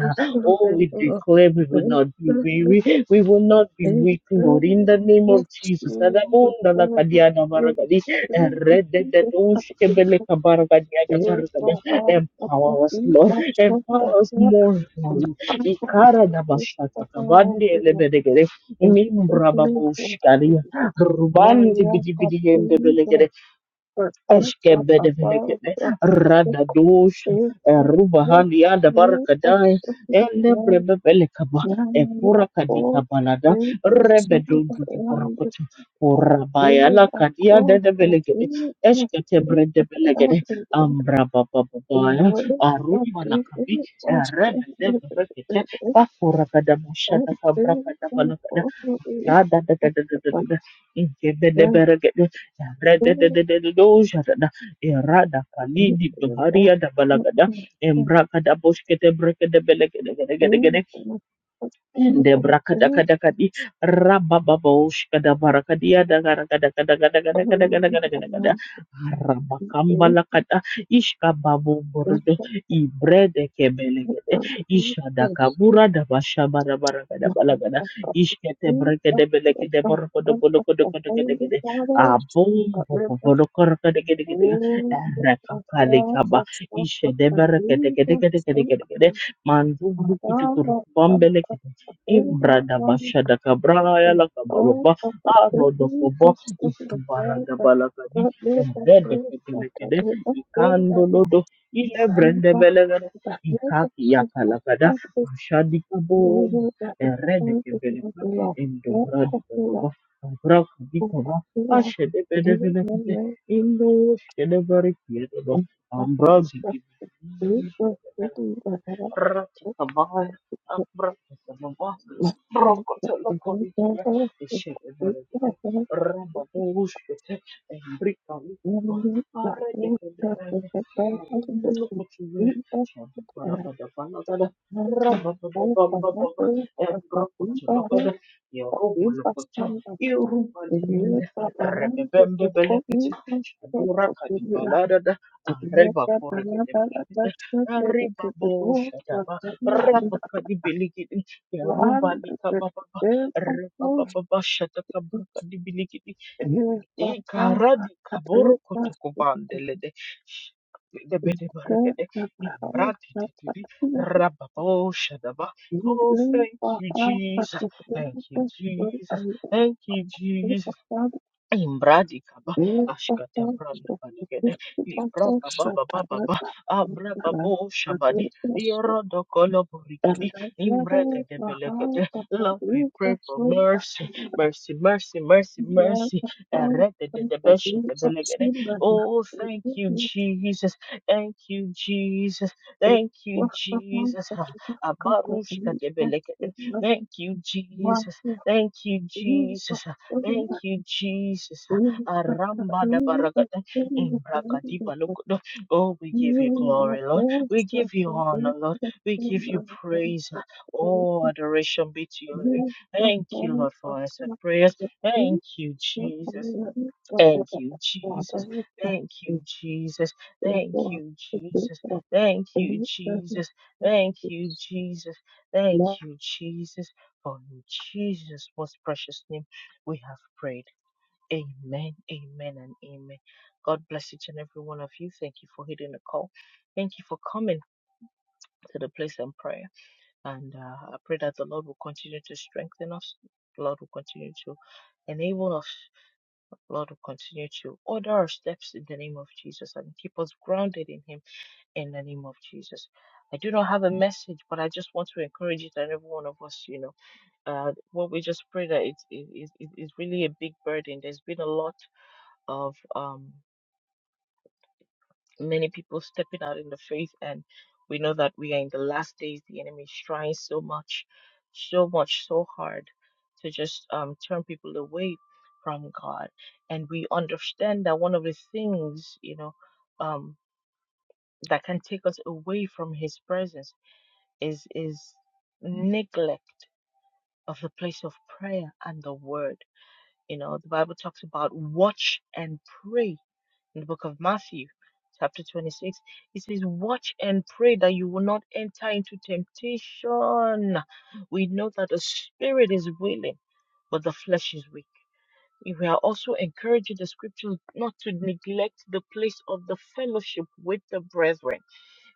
Oh, we declare we will not be weary, we will not be weak, Lord, in the name of Jesus. Adabunda la kadiana baragadi, eredededonshkebele kabaragadiaga baragada. Empower us, Lord. Empower us more, Lord. Ikara da bashata kabandi elebedegere, Thank you for mimbra the miracle. Thank babushkari, you for the rubandi warrior bidi of bidi believers, for us up Eskebede above velekebe, the radadosh, faith of hope. rubahani yanda You are barakadai, certainly ele one, brebe velekaba, now a ekura four, kadika balada, you are certainly rebedondo di one, the borokoto, fear kurabayala of kadia course, dede and velekebe, you are eskete certainly brede out velekebe, of heaven, ambra baba and in the babaya, way. But aruma lakabi, you are certainly rebe the debe rekete, way, pakura kada and mushada kabra kada you Ah, da, da, da, are da, da, da, da, da. In de de certainly bere de. re the de way. de de de de do ja da da. E da ka di do ha ri Thank da ba la ga da. Em ra ka de be Ende brakadakadakadi rabababoshkadabarakadia dagarakadakadakadakadakadakadakadakada rabakambalakada ishkababuburdo ibrede kebelegede ishadakabura dabashabarabaragadabalaga ishkete brekedebelekede borokodobolokodokodokedegede abombobobolokorakedegedegede rekakalikaba ishedeberekedekedekedekedegede mandu grukutikuru bambele you. Ibradabashadakabraya and all lakababa of the building arodokobo was in the wall that ifubaradabalakadi got rid of those that got embredekedelekede rid of good that the ikandolodo grandma the ilebrendebelegede river she that ikakiyakalakada have this ashadikaboda beauty that the sun is found in the eredekebeleka below. That of the love endobradikababa of abrakadikaba the love you and ashedebedebelekede me indoskedebarikiyedeba and of the food was ambrazidibidibidibidibidi. sitting that I put Ratatabaya, the Abratasabaya, mustard that the Brokotolokorikia, grandmother is the good of Ishebebebe, the family Ramabushkete, Embrikalikaba, that was Arekebebe, that the Arundulukotiwe, grandmother Thank Shabarabadabalabada, Rababababababa, Embrokotolokada, Yerobolokoto, Irubalinde, Rebebembebelekete, Shadurakadibaladada, Arebakorekedebelekete, Arriba bo shadaba. Rapa kadi biligidi. Ya ruba lika baba ba. Rapa baba ba shataka bruka di biligidi. E kaboro kotuku bandele de. De bede barakede. Brati titidi. Rapa shadaba. Oh, thank you, Jesus. Thank you, Jesus. Thank you, Jesus. you. Imbradi kaba Thank ashkata branda banegede librata baba baba ba abra babo shabadi irodo kolo borikidi imbregede belegede Lord we pray for mercy mercy mercy mercy mercy erede de de beshete belegede oh thank you Jesus thank you Jesus thank you Jesus Ah, abarushka de belegede thank you Jesus thank you Jesus Thank you, Jesus. Aramba da barakata, imbrakadiba you. lukudo. Oh, we Thank give you. you glory, Lord. We give you honor, Lord. We give you praise. Oh, adoration be to you. Thank you, Lord, for answered prayers. Thank you, Jesus. Thank you, Jesus. Thank you, Jesus. Thank you, Jesus. Thank you, Jesus. Thank you, Jesus. Thank you, Jesus. For in Jesus' most precious name, we have prayed. Amen, amen, and amen. God bless each and every one of you. Thank you for hitting the call. Thank you for coming to the place and prayer. And uh, I pray that the Lord will continue to strengthen us. The Lord will continue to enable us Lord, will continue to order our steps in the name of Jesus and keep us grounded in Him in the name of Jesus. I do not have a message, but I just want to encourage each and every one of us. You know, uh, what we just pray that it is it, it, it- it's really a big burden. There's been a lot of um many people stepping out in the faith and we know that we are in the last days the enemy is trying so much so much so hard to just um, turn people away from god and we understand that one of the things you know um, that can take us away from his presence is is neglect of the place of prayer and the word you know the bible talks about watch and pray in the book of Matthew, chapter 26, it says, Watch and pray that you will not enter into temptation. We know that the spirit is willing, but the flesh is weak. We are also encouraging the scriptures not to neglect the place of the fellowship with the brethren.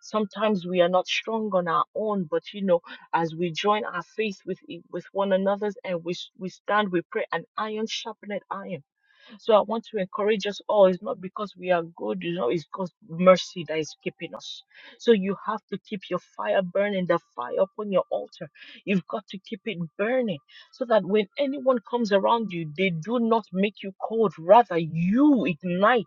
Sometimes we are not strong on our own, but you know, as we join our faith with with one another's and we, we stand, we pray, and iron sharpened iron so I want to encourage us all. It's not because we are good, you know, it's God's mercy that is keeping us. So you have to keep your fire burning, the fire upon your altar. You've got to keep it burning so that when anyone comes around you, they do not make you cold. Rather, you ignite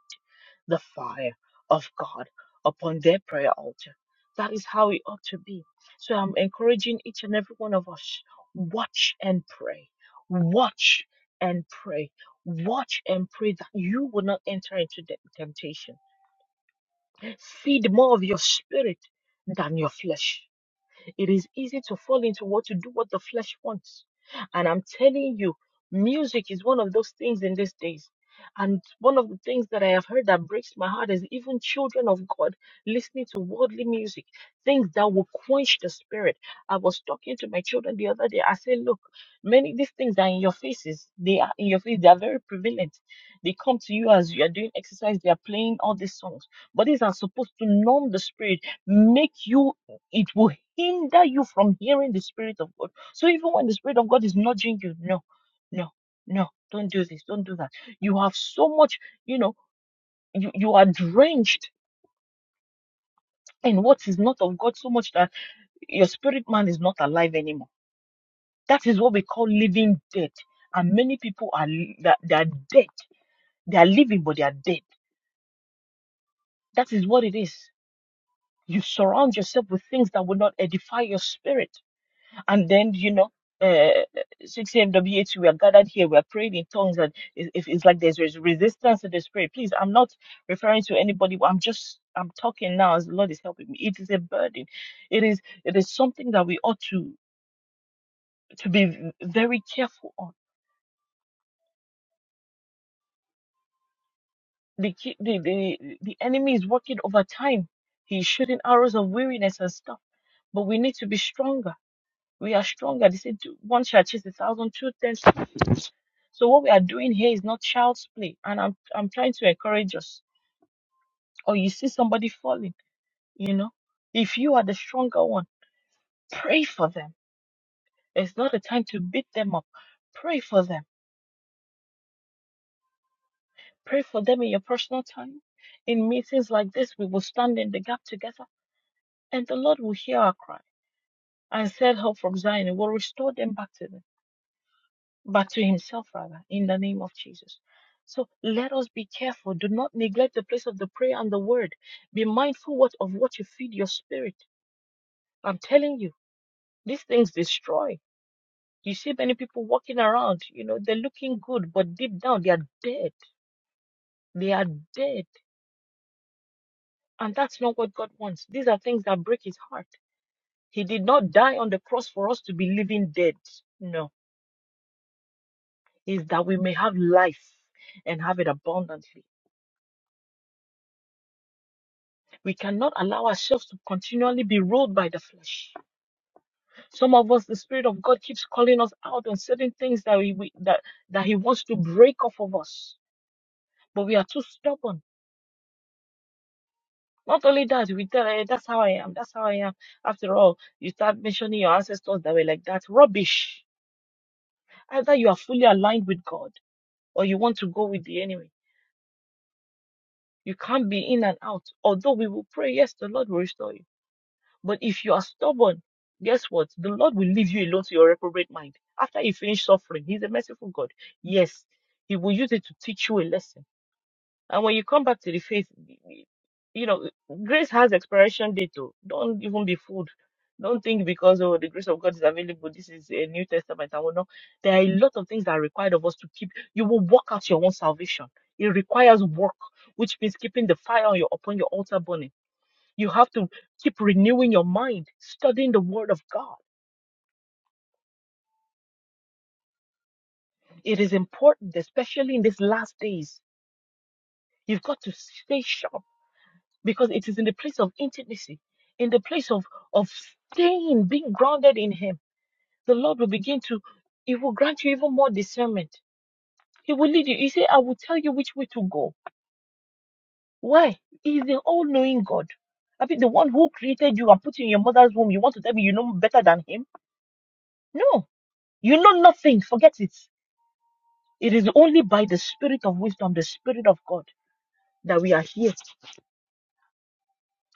the fire of God upon their prayer altar. That is how it ought to be. So I'm encouraging each and every one of us watch and pray. Watch and pray. Watch and pray that you will not enter into the temptation. Feed more of your spirit than your flesh it is easy to fall into what to do what the flesh wants. And I'm telling you, music is one of those things in these days. And one of the things that I have heard that breaks my heart is even children of God listening to worldly music, things that will quench the spirit. I was talking to my children the other day. I said, Look, many of these things are in your faces. They are in your face. They are very prevalent. They come to you as you are doing exercise. They are playing all these songs. But these are supposed to numb the spirit, make you it will hinder you from hearing the Spirit of God. So even when the Spirit of God is nudging you, no, no, no, don't do this, don't do that. You have so much, you know, you, you are drenched in what is not of God so much that your spirit man is not alive anymore. That is what we call living dead. And many people are li- that they are dead. They are living, but they are dead. That is what it is. You surround yourself with things that will not edify your spirit. and then you know uh 6 a.m we are gathered here we are praying in tongues and it, it- it's like there's res- resistance to the spirit please i'm not referring to anybody but i'm just i'm talking now as the lord is helping me it is a burden it is it is something that we ought to to be v- very careful on the ki- the the, the enemy is working overtime he's shooting arrows of weariness and stuff but we need to be stronger we are stronger. They said two- one shall chase a thousand, two ten thousand. So what we are doing here is not child's play, and I'm I'm trying to encourage us. Or you see somebody falling, you know, if you are the stronger one, pray for them. It's not a time to beat them up. Pray for them. Pray for them in your personal time. In meetings like this, we will stand in the gap together, and the Lord will hear our cry and set help from Zion. Will restore them back to them. but to himself rather, in the name of Jesus. So let us be careful. Do not neglect the place of the prayer and the word. Be mindful what of what you feed your spirit. I'm telling you, these things destroy. You see many people walking around, you know, they're looking good, but deep down they are dead. They are dead. And that's not what God wants. These are things that break his heart. He did not die on the cross for us to be living dead. No. Is that we may have life and have it abundantly. We cannot allow ourselves to continually be ruled by the flesh. Some of us, the Spirit of God keeps calling us out on certain things that we, we that, that He wants to break off of us, but we are too stubborn. Not only that, we tell, eh, that's how I am, that's how I am. After all, you start mentioning your ancestors that were like that. Rubbish. Either you are fully aligned with God or you want to go with the enemy. You can't be in and out. Although we will pray, yes, the Lord will restore you. But if you are stubborn, guess what? The Lord will leave you alone to your reprobate mind. After you finish suffering, He's a merciful God. Yes, He will use it to teach you a lesson. And when you come back to the faith, you know, grace has expiration date. Oh. Don't even be fooled. Don't think because oh the grace of God is available. This is a New Testament. I will know there are a lot of things that are required of us to keep. You will work out your own salvation. It requires work, which means keeping the fire on your upon your altar burning you have to keep renewing your mind, studying the Word of God. It is important, especially in these last days. You've got to stay sharp because it is in the place of intimacy, in the place of, of staying, being grounded in Him. The Lord will begin to, He will grant you even more discernment. He will lead you. He said, I will tell you which way to go. Why? He is the all knowing God. I mean, the one who created you and put you in your mother's womb, you want to tell me you know better than Him? No, you know nothing. Forget it. It is only by the spirit of wisdom, the spirit of God, that we are here.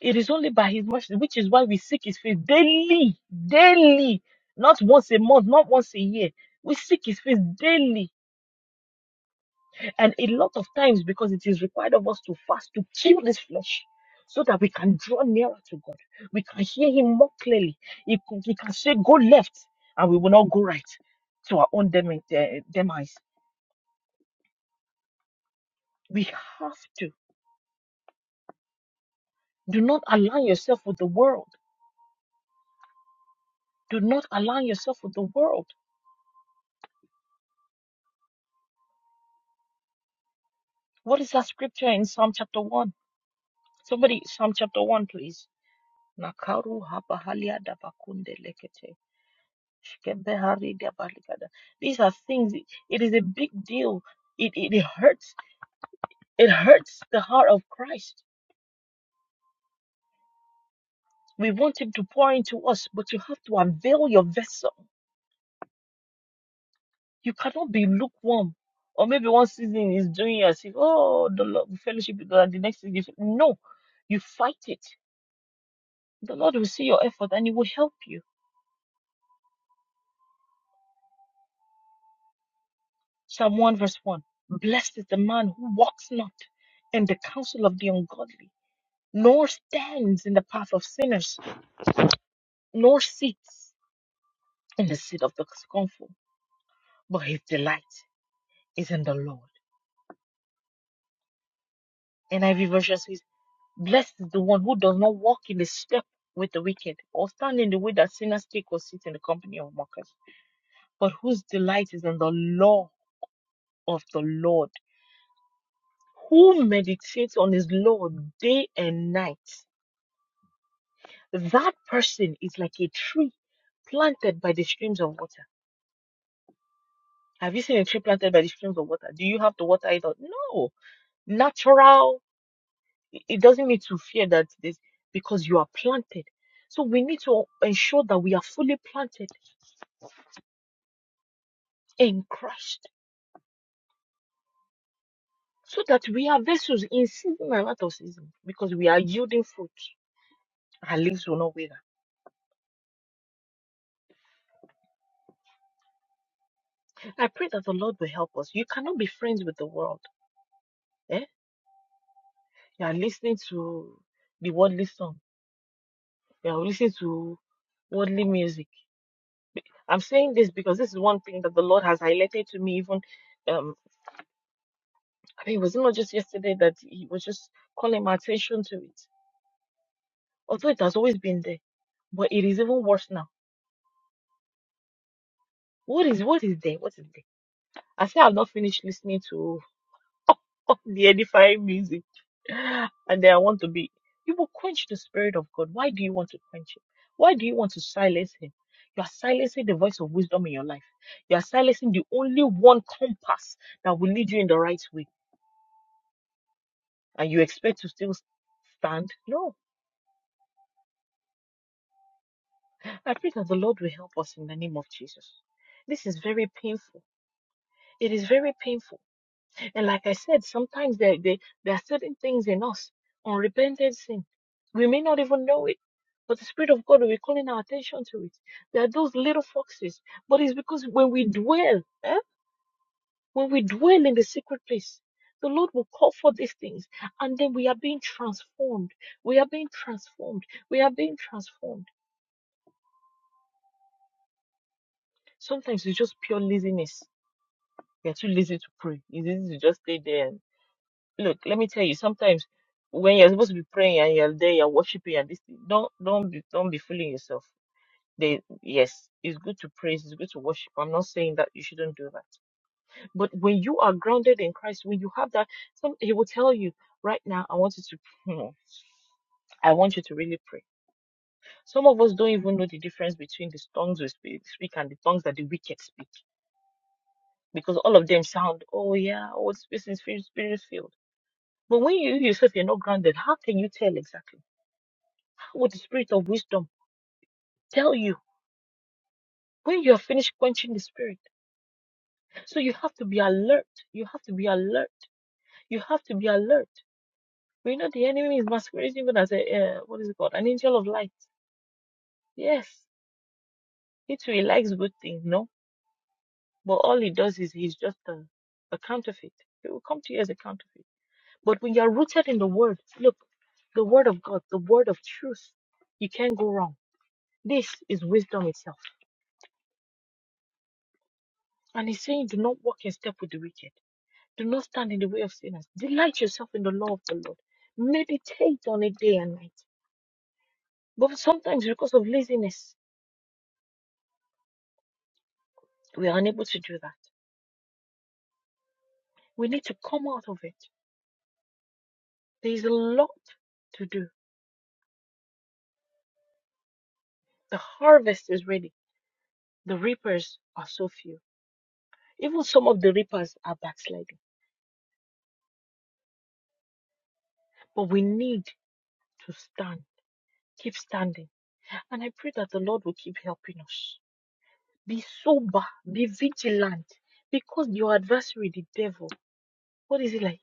It is only by his mercy, which is why we seek his face daily, daily, not once a month, not once a year. We seek his face daily. And a lot of times, because it is required of us to fast, to kill this flesh, so that we can draw nearer to God. We can hear him more clearly. He, could- he can say, Go left, and we will not go right to our own demi- de- demise. We have to. Do not align yourself with the world. Do not align yourself with the world. What is that scripture in Psalm chapter 1? Somebody, Psalm chapter 1, please. Nakaru habahalia dabakunde lekete. Shkebehari dabalikada. These are things, it is a big deal. It, it, it hurts. It hurts the heart of Christ. We want him to pour into us, but you have to unveil your vessel. You cannot be lukewarm. Or maybe one season is doing as if, oh, the lo- fellowship, is good, the next season, is-" no, you fight it The Lord will see your effort and He will help you. Psalm 1 verse 1. Blessed is the man who walks not in the counsel of the ungodly, nor stands in the path of sinners, nor sits in the seat of the scornful, but his delight is in the Lord. NIV version says, Blessed is the one who does not walk in the step with the wicked, or stand in the way that sinners take, or sit in the company of mockers, but whose delight is in the law of the Lord Who meditates on his law day and night, that person is like a tree planted by the streams of water. Have you seen a tree planted by the streams of water? Do you have to water it? Out? No. Natural. It it doesn't need to fear that this because you are planted. So we need to ensure that we are fully planted in Christ so that we are vessels in season and out of season because we are yielding fruit. Our leaves will not wither. I pray that the Lord will help us. You cannot be friends with the world. eh? You are listening to the worldly song. You are listening to worldly music. I'm saying this because this is one thing that the Lord has highlighted to me. Even um, I mean, it was not just yesterday that He was just calling my attention to it. Although it has always been there, but it is even worse now. What is what is there? What is there? I say I've not finished listening to. the edifying music. And then I want to be. You will quench the Spirit of God. Why do you want to quench Him? Why do you want to silence Him? You are silencing the voice of wisdom in your life. You are silencing the only one compass that will lead you in the right way. And you expect to still stand? No. I pray that the Lord will help us in the name of Jesus. This is very painful. It is very painful And like I said, sometimes there, there, there are certain things in us, unrepented sin. We may not even know it, but the Spirit of God will be calling our attention to it. There are those little foxes, but it's because when we dwell, eh, when we dwell in the secret place, the Lord will call for these things, and then we are being transformed. We are being transformed. We are being transformed. Sometimes it's just pure laziness. We are too lazy to pray. It's easy to just stay there look, let me tell you, sometimes when you're supposed to be praying and you're there, you're worshiping and this thing, don't don't be don't be fooling yourself. They yes, it's good to praise, it's good to worship. I'm not saying that you shouldn't do that. But when you are grounded in Christ, when you have that, some he will tell you, right now, I want you to hmm, I want you to really pray. Some of us don't even know the difference between the tongues we speak, speak and the tongues that the wicked speak. Because all of them sound, oh yeah, oh, this person is spirit spirit filled. But when you yourself you're not grounded, how can you tell exactly? with the spirit of wisdom tell you when you are finished quenching the spirit. So you have to be alert. You have to be alert. You have to be alert. We know the enemy is masquerading even as a uh, what is it called? An angel of light. Yes, he too he likes good things, no? But all he does is he's just a, a counterfeit. He will come to you as a counterfeit. But when you are rooted in the word, look, the word of God, the word of truth, you can't go wrong. This is wisdom itself. And he's saying, do not walk in step with the wicked. Do not stand in the way of sinners. Delight yourself in the law of the Lord. Meditate on it day and night. But sometimes, because of laziness, we are unable to do that. We need to come out of it. There is a lot to do. The harvest is ready, the reapers are so few. Even some of the reapers are backsliding. But we need to stand, keep standing. And I pray that the Lord will keep helping us. Be sober, be vigilant, because your adversary, the devil, What is he like?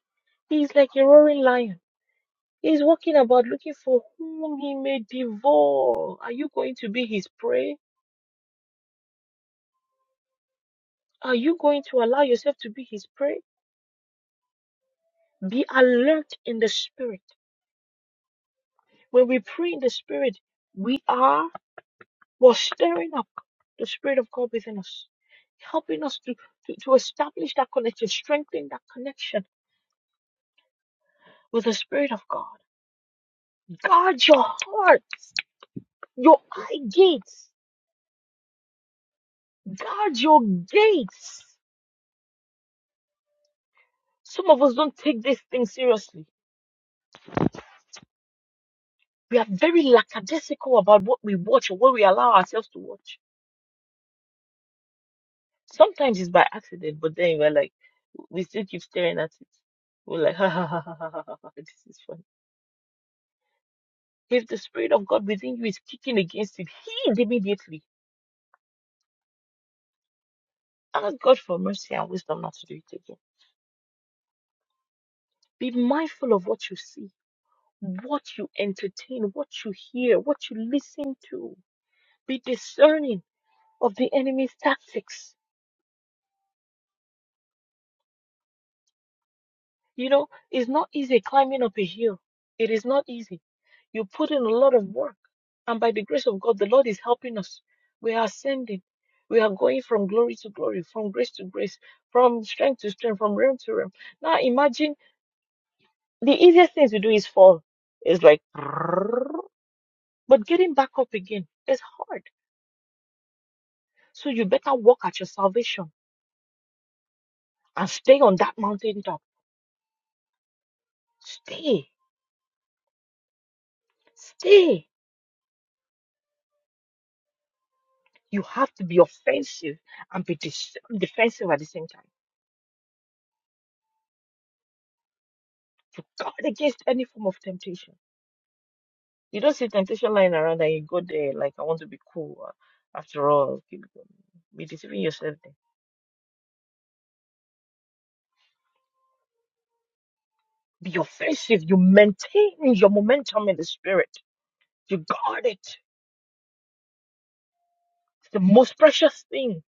He's like a roaring lion. He's walking about looking for whom he may devour. Are you going to be his prey? Are you going to allow yourself to be his prey? Be alert in the spirit. When we pray in the spirit, we are we're stirring up the spirit of God within us, helping us to, to, to establish that connection, strengthen that connection with the spirit of God. Guard your heart, your eye gates. Guard your gates. Some of us don't take this thing seriously. We are very lackadaisical about what we watch or what we allow ourselves to watch. Sometimes it's by accident, but then we're like, we still keep staring at it. We're like, ha ha ha ha ha ha, ha, this is funny. If the Spirit of God within you is kicking against it, heed immediately. Ask God for mercy and wisdom not to do it again. Be mindful of what you see, what you entertain, what you hear, what you listen to. Be discerning of the enemy's tactics You know, it's not easy climbing up a hill. It is not easy. You put in a lot of work. And by the grace of God, the Lord is helping us. We are ascending. We are going from glory to glory, from grace to grace, from strength to strength, from realm to realm. Now imagine the easiest thing to do is fall. It's like, but getting back up again is hard. So you better walk at your salvation and stay on that mountaintop. Stay, stay. You have to be offensive and be dis- defensive at the same time to guard against any form of temptation. You don't see temptation lying around and you go there like, I want to be cool. uh, After all, you be deceiving yourself there. Be offensive. You maintain your momentum in the spirit. You guard it. It's the most precious thing.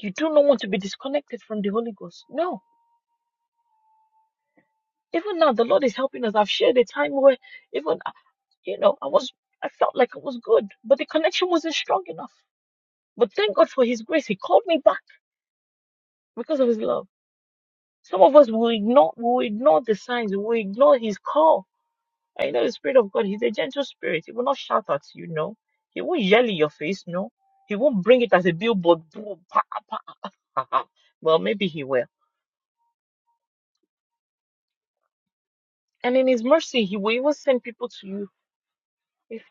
You do not want to be disconnected from the Holy Ghost. No. Even now, the Lord is helping us. I've shared a time where even, uh, you know, I was I felt like it was good, but the connection wasn't strong enough. But thank God for His grace. He called me back because of His love. Some of us will ignore, will ignore the signs, will ignore His call. I know the Spirit of God. He's a gentle Spirit. He will not shout at you. No, He won't yell in your face. No, He won't bring it as a billboard. boom, pa, pa, ah, ah. Well, maybe He will. And in His mercy, He will even send people to you. If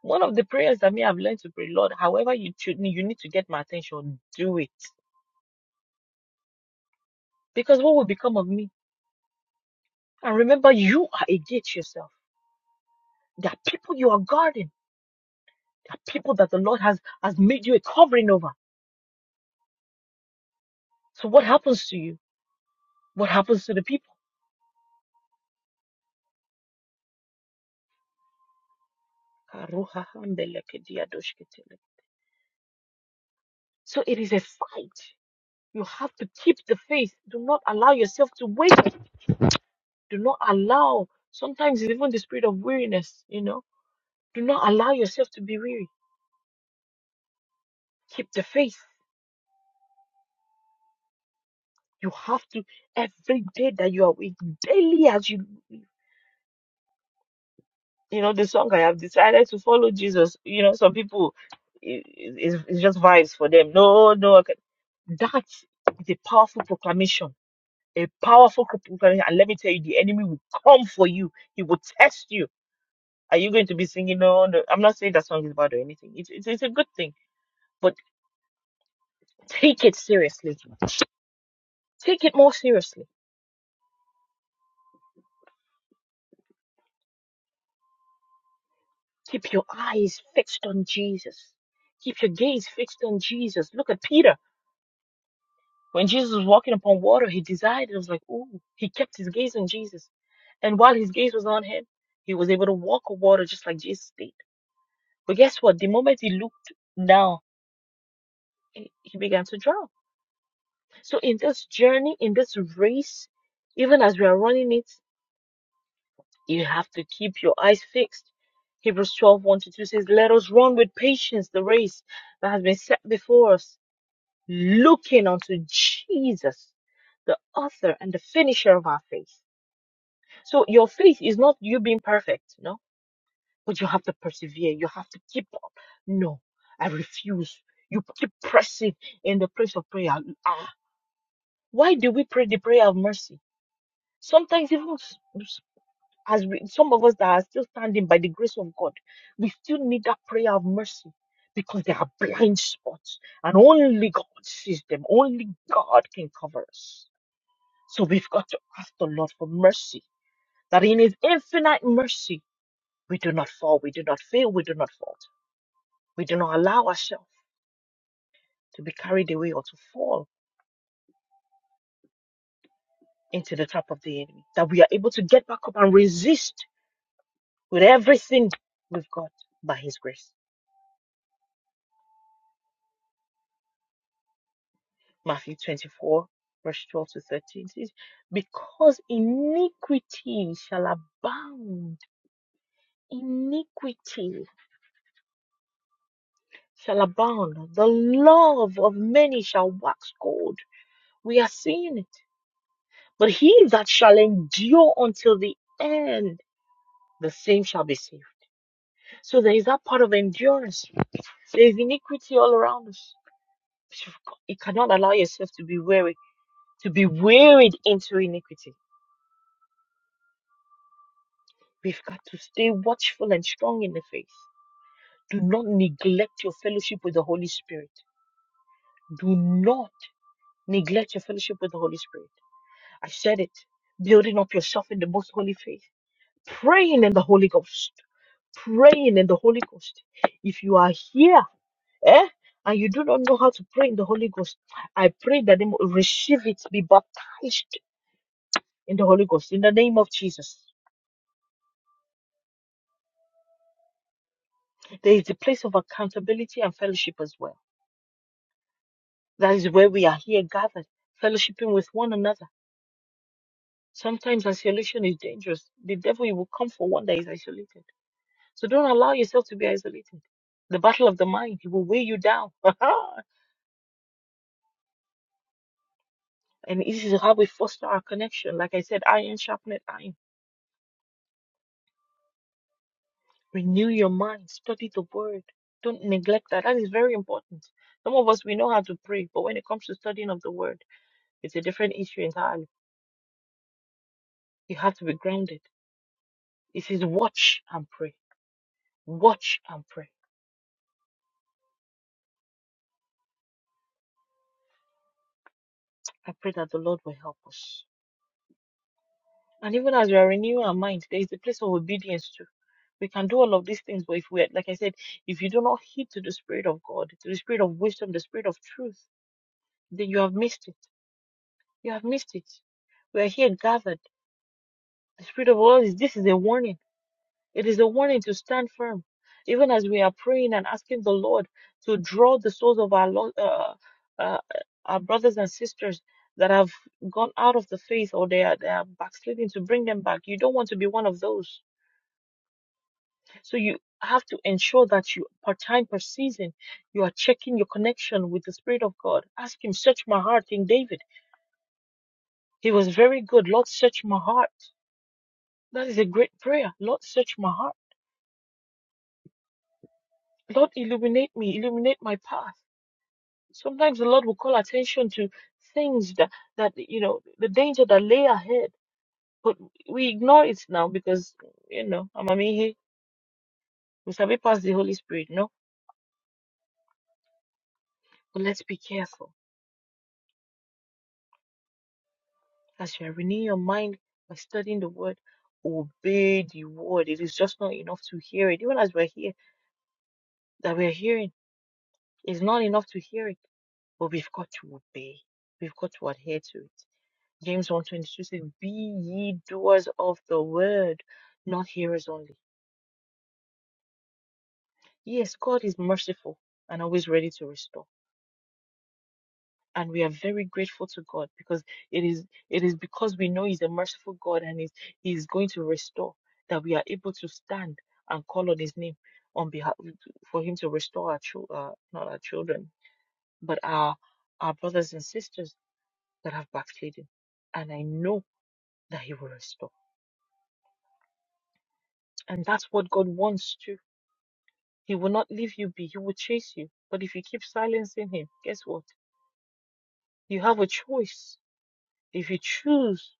one of the prayers that me I've learned to pray, Lord, however you treat me, you need to get my attention. Do it, because what will become of me? And remember, you are a gate yourself. There are people you are guarding. There are people that the Lord has, has made you a covering over. So what happens to you? What happens to the people? So it is a fight. You have to keep the faith. Do not allow yourself to waver. Do not allow, sometimes it's even the spirit of weariness, you know. Do not allow yourself to be weary. Keep the faith. You have to, every day that you are awake, daily as you you know, the song I have decided to follow Jesus. You know, some people i- i- it's, it's just vibes for them. No, no, I can- that is a powerful proclamation, a powerful pro- proclamation. And let me tell you, the enemy will come for you. He will test you. Are you going to be singing? No, no. I'm not saying that song is bad or anything. It's it's, it's a good thing, but take it seriously. Take it more seriously. Keep your eyes fixed on Jesus. Keep your gaze fixed on Jesus. Look at Peter. When Jesus was walking upon water, he desired. It was like, ooh, he kept his gaze on Jesus. And while his gaze was on him, he was able to walk on water just like Jesus did. But guess what? The moment he looked down, he he began to drown. So in this journey, in this race, even as we are running it, you have to keep your eyes fixed. Hebrews twelve one to 2 says, Let us run with patience the race that has been set before us, looking unto Jesus, the author and the finisher of our faith So your faith is not you being perfect, no, but you have to persevere. You have to keep up. No, I refuse. You keep pressing in the place of prayer. Ah, why do we pray the prayer of mercy? Sometimes even s- s- as we, some of us that are still standing by the grace of God, we still need that prayer of mercy because there are blind spots and only God sees them. Only God can cover us. So we've got to ask the Lord for mercy, that in His infinite mercy We do not fall. We do not fail. We do not fault. We do not allow ourselves to be carried away or to fall into the trap of the enemy. That we are able to get back up and resist with everything we've got by his grace. Matthew 24, verse 12 to 13 says, Because iniquity shall abound, iniquity shall abound, the love of many shall wax cold. We are seeing it. But he that shall endure until the end, the same shall be saved. So there is that part of endurance. There is iniquity all around us. You cannot allow yourself to be weary, to be wearied into iniquity. We've got to stay watchful and strong in the faith. Do not neglect your fellowship with the Holy Spirit. Do not neglect your fellowship with the Holy Spirit. I said it. Building up yourself in the most holy faith. Praying in the Holy Ghost. Praying in the Holy Ghost. If you are here eh? And you do not know how to pray in the Holy Ghost. I pray that they will receive it, be baptized in the Holy Ghost in the name of Jesus. There is a place of accountability and fellowship as well. That is where we are here gathered, fellowshipping with one another. Sometimes isolation is dangerous. The devil he will come for one that is isolated. So don't allow yourself to be isolated. The battle of the mind, he will weigh you down. and this is how we foster our connection. Like I said, iron sharpened iron. Renew your mind. Study the word. Don't neglect that. That is very important. Some of us, we know how to pray, but when it comes to studying of the word, it's a different issue entirely. You have to be grounded. It says, watch and pray. Watch and pray. I pray that the Lord will help us. And even as we are renewing our mind, there is a place of obedience too. We can do all of these things, but if we, like I said, if you do not heed to the Spirit of God, to the Spirit of wisdom, the Spirit of truth, then you have missed it. You have missed it. We are here gathered The Spirit of the Lord is this is a warning. It is a warning to stand firm. Even as we are praying and asking the Lord to draw the souls of our lo- uh, uh, our brothers and sisters that have gone out of the faith or they are, they are backsliding to bring them back. You don't want to be one of those. So you have to ensure that you, per time, per season, you are checking your connection with the Spirit of God. Ask Him, search my heart, In David. He was very good. Lord, search my heart. That is a great prayer. Lord, search my heart Lord, illuminate me, illuminate my path. Sometimes the Lord will call attention to things that, that you know, the danger that lay ahead. But we ignore it now because, you know, Amamihi, we shall be past the Holy Spirit, no? But let's be careful. As you are renewing your mind by studying the word, obey the word. It is just not enough to hear it. Even as we're here, that we're hearing, it's not enough to hear it. But we've got to obey. We've got to adhere to it. James one twenty two says, Be ye doers of the word, not hearers only. Yes, God is merciful and always ready to restore. And we are very grateful to God because it is it is because we know He's a merciful God and He's He's going to restore that we are able to stand and call on His name on behalf for Him to restore our chil- uh, not our children but our our brothers and sisters that have backslidden. And I know that He will restore, and that's what God wants too He will not leave you be. He will chase you. But if you keep silencing him, guess what? You have a choice. If you choose,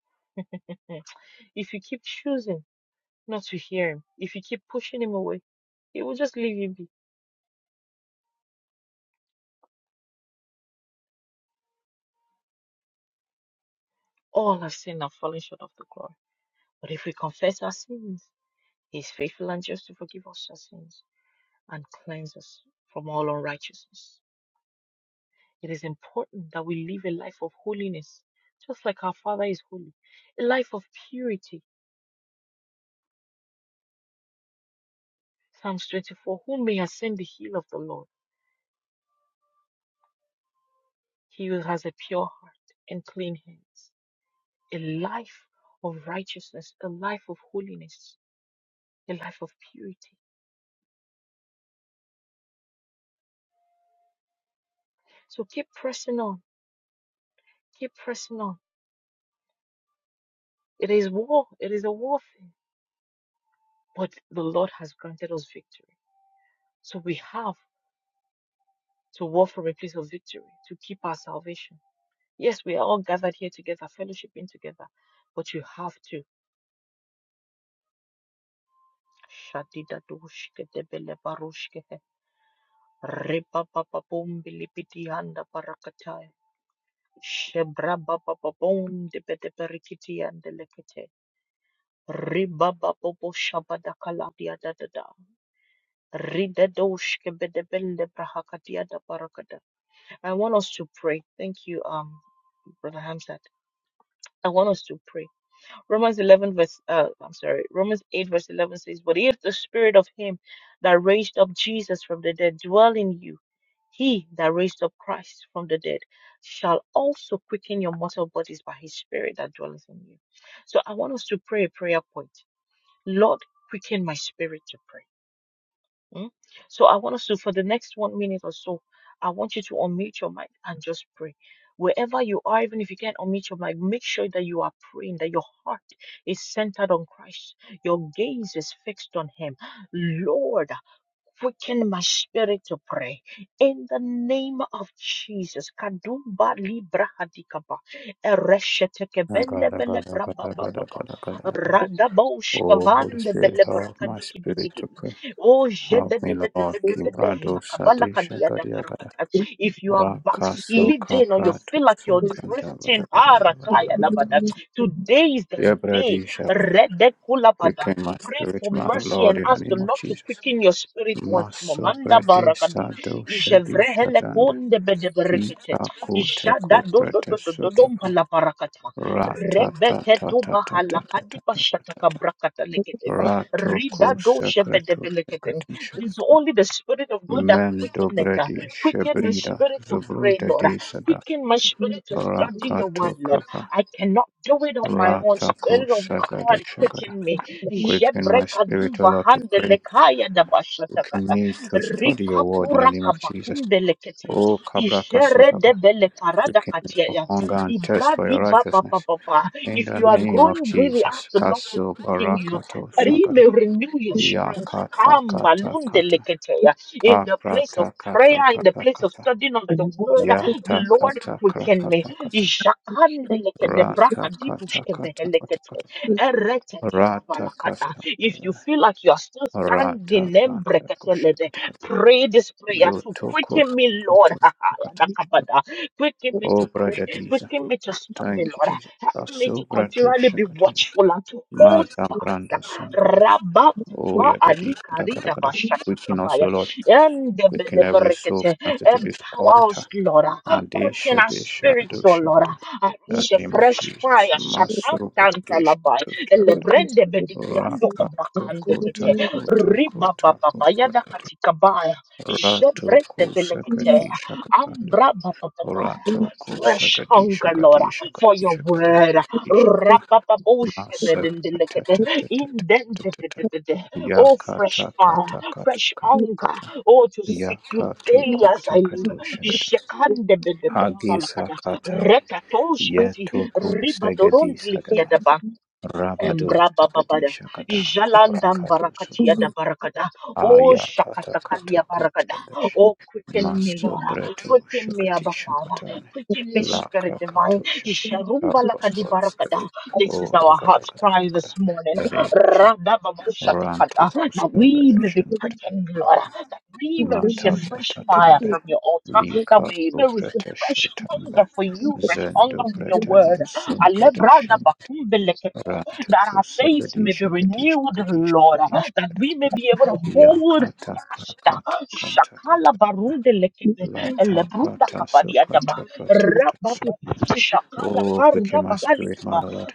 Mm. if you keep choosing not to hear him, if you keep pushing him away, he will just leave you be. All have sinned and fallen short of the glory. But if we confess our sins, he is faithful and just to forgive us our sins and cleanse us from all unrighteousness. It is important that we live a life of holiness, just like our Father is holy, a life of purity Psalms 24 Who may ascend the hill of the Lord? He who has a pure heart and clean hands, a life of righteousness, a life of holiness, a life of purity. So keep pressing on, keep pressing on. It is war, it is a warfare, but the Lord has granted us victory. So we have to war from a place of victory to keep our salvation. Yes, we are all gathered here together, fellowshipping together, but you have to. Ribabababum bilipiti anda parakatai. Shebrababababum dipedeperikiti anda lekete. Ribababo shabadakaladia da da da. Ridedosh kebedebende brahakatia da parakada. I want us to pray. Thank you, um, Brother Hamzat. I want us to pray. Romans 11 verse, uh, I'm sorry, Romans 8 verse 11 says, But if the spirit of him that raised up Jesus from the dead dwell in you, he that raised up Christ from the dead shall also quicken your mortal bodies by his spirit that dwells in you. So I want us to pray a prayer point. Lord, quicken my spirit to pray. Mm. So I want us to, for the next one minute or so, I want you to unmute your mic and just pray. Wherever you are, even if you can't unmute your mic, make sure that you are praying, that your heart is centered on Christ, your gaze is fixed on Him. Lord, Quicken my spirit to pray. In the name of Jesus. Kadumba libra hadikaba. Ereshetekebende Agada, bele gada, gada, braba gada, baba gada, gada, gada. Radabosh Oh, Holy kavande Spirit, bele help braka my diki spirit bidigi. to pray. Oh, Help me, Lord. jededededededede. Kibrado Kabala Sadisha kadia da Gadia Gada. barakata. if you are Raka Soka backsliding or you Prato feel like you're Soka da, gada, gada, drifting, gada, ah, gada, gada, rakaya gada, labada. gada. today is the day. Yebredi Shabo. Rede kula Quicken my Pray spirit, for man of mercy and Lord, in the ask the name of Lord to Jesus. quicken your spirit once more. Maso Manda Bredi barakadi. Sado Shadi Ijevrehele Shadande. konde bedeberekete. Kita kote Ijada do do koprete do do do dom sotapa. pala barakata. Rata, Rebete to bahala kadi bashataka Kipakutekopretesotapa. brakata Ratatatatatatatatata. lekete. Rida Ratoko do sekreto shebedebelekete. sekati It's sekata. only the Spirit of God that quicken it. Mendobredi Quicken my shebrida spirit to pray, zobroda Lord. de sada. Quicken my spirit to study your Rakato word, Lord. kapa. I cannot do it on my own. Ratako Spirit of sagada God, shagada. quicken me. Quicken my Jebrekadu spirit, O Lord, to vahande pray. lekaya da Quicken bashatakata. me to study your Rika word in the kura name of Jesus. kabakunde lekete. O Kabraka Ijere de Sogaba. bele karada Quicken me for katiaya. hunger and thirst for Ibradi your baba righteousness. baba ba. In If the you are name of growing weary, Jesus, ask the Lord to Kaso quicken you. Barakato That He Sagara, may renew your strength. Yakata Come, Kata balunde Kata, leketeya. In the place of Aprata Kata prayer, in the Kata place of Kata, studying of the word, Yata Lord, Kata quicken me. Krakata Kata, Jakande leke de braka Rata di Kata bushke Kata Kata Kata, Rata Ereketekebalakata. Kasta If you Devana, feel like you are still Rata standing, Banda Kusha embreketelede, Kata Kata, pray this prayer to Yotoko quicken me, Lord. Kato Kata, Ayadakabada. Quicken me to Obra pray. Dadiza, Quicken me to study, thank you Lord. Jesus, Help me Kaso to Brato continually be Shakatina, watchful and to hold Mata fast. Branda Sangare. Oh, Rabatuva Yagadi, Ali kada, kada, Karida kada. Quicken us, O Bashakabaya. Lord. And Quicken every empower soul connected to this altar. us, Lord. Quicken Adesha, our desha, spirits, O dosha, Lord. kada. In the name of Fresh fire, Jesus. Masuru, desha, Shakanta dosha, le kada. brende bediciando Raka, kumbakande kete kota, kota, riba kota, baba baya kota, da kota. katika baya je Rato, kosa, belekete Thank kati, shakatanda. ambra baba baya Rato, kosa, fresh kati, hunger Lord shakati, shakati, for your shakati, word shakati, shakata. raba babo Masa ta ta ta ta ta ta ta ta. Ya oh ka fresh ta ka fire ta ka ta fresh ka ta ka hunger ta. oh to Ya seek you ka to daily ko as ta I ka live to shagada. jekande bedekumba Agi sa lakada ka ta le. Ye to ko riba sagadi sagada. Rabado sagadi Embrabababada. shagada. Kubra Jalanda ka to barakatia da suguban. barakada. Oh Aya ka ta ka to shakatakalia ko barakada. sagash. Oh quicken me, Maso Lord. breto Quicken me, shagati Abba Father. shagatane. Quicken me, La Spirit kra ka Divine. krakatosha. Isharumba Help us, lakadi Holy Spirit. barakada. This Oh, is our ragada, heart's gada, cry gada, gada. this morning. The name of Jesus. Radababa Ranto shatakada. That we may be Kusavarashambar quickened, Lord. That we may receive fresh fire Matavatatanda from your altar. That Lika we may receive fresh Upratashatamba hunger for you, fresh hunger Zendo for your word. Pratanda Alebrada Sungadashin Ranto that our faith may be Kusagadisha Gadisha renewed, Gadisha Lord, Gadisha that we may Gadamba be able to hold Yakata fast. Kakata Shakala Kantakata barunde lekebe, Lata elebrunda Prata kabadi adaba, Sukata Pratata rababa, shakala Oh, karu quicken my raba spirit, my halikiba, Lord,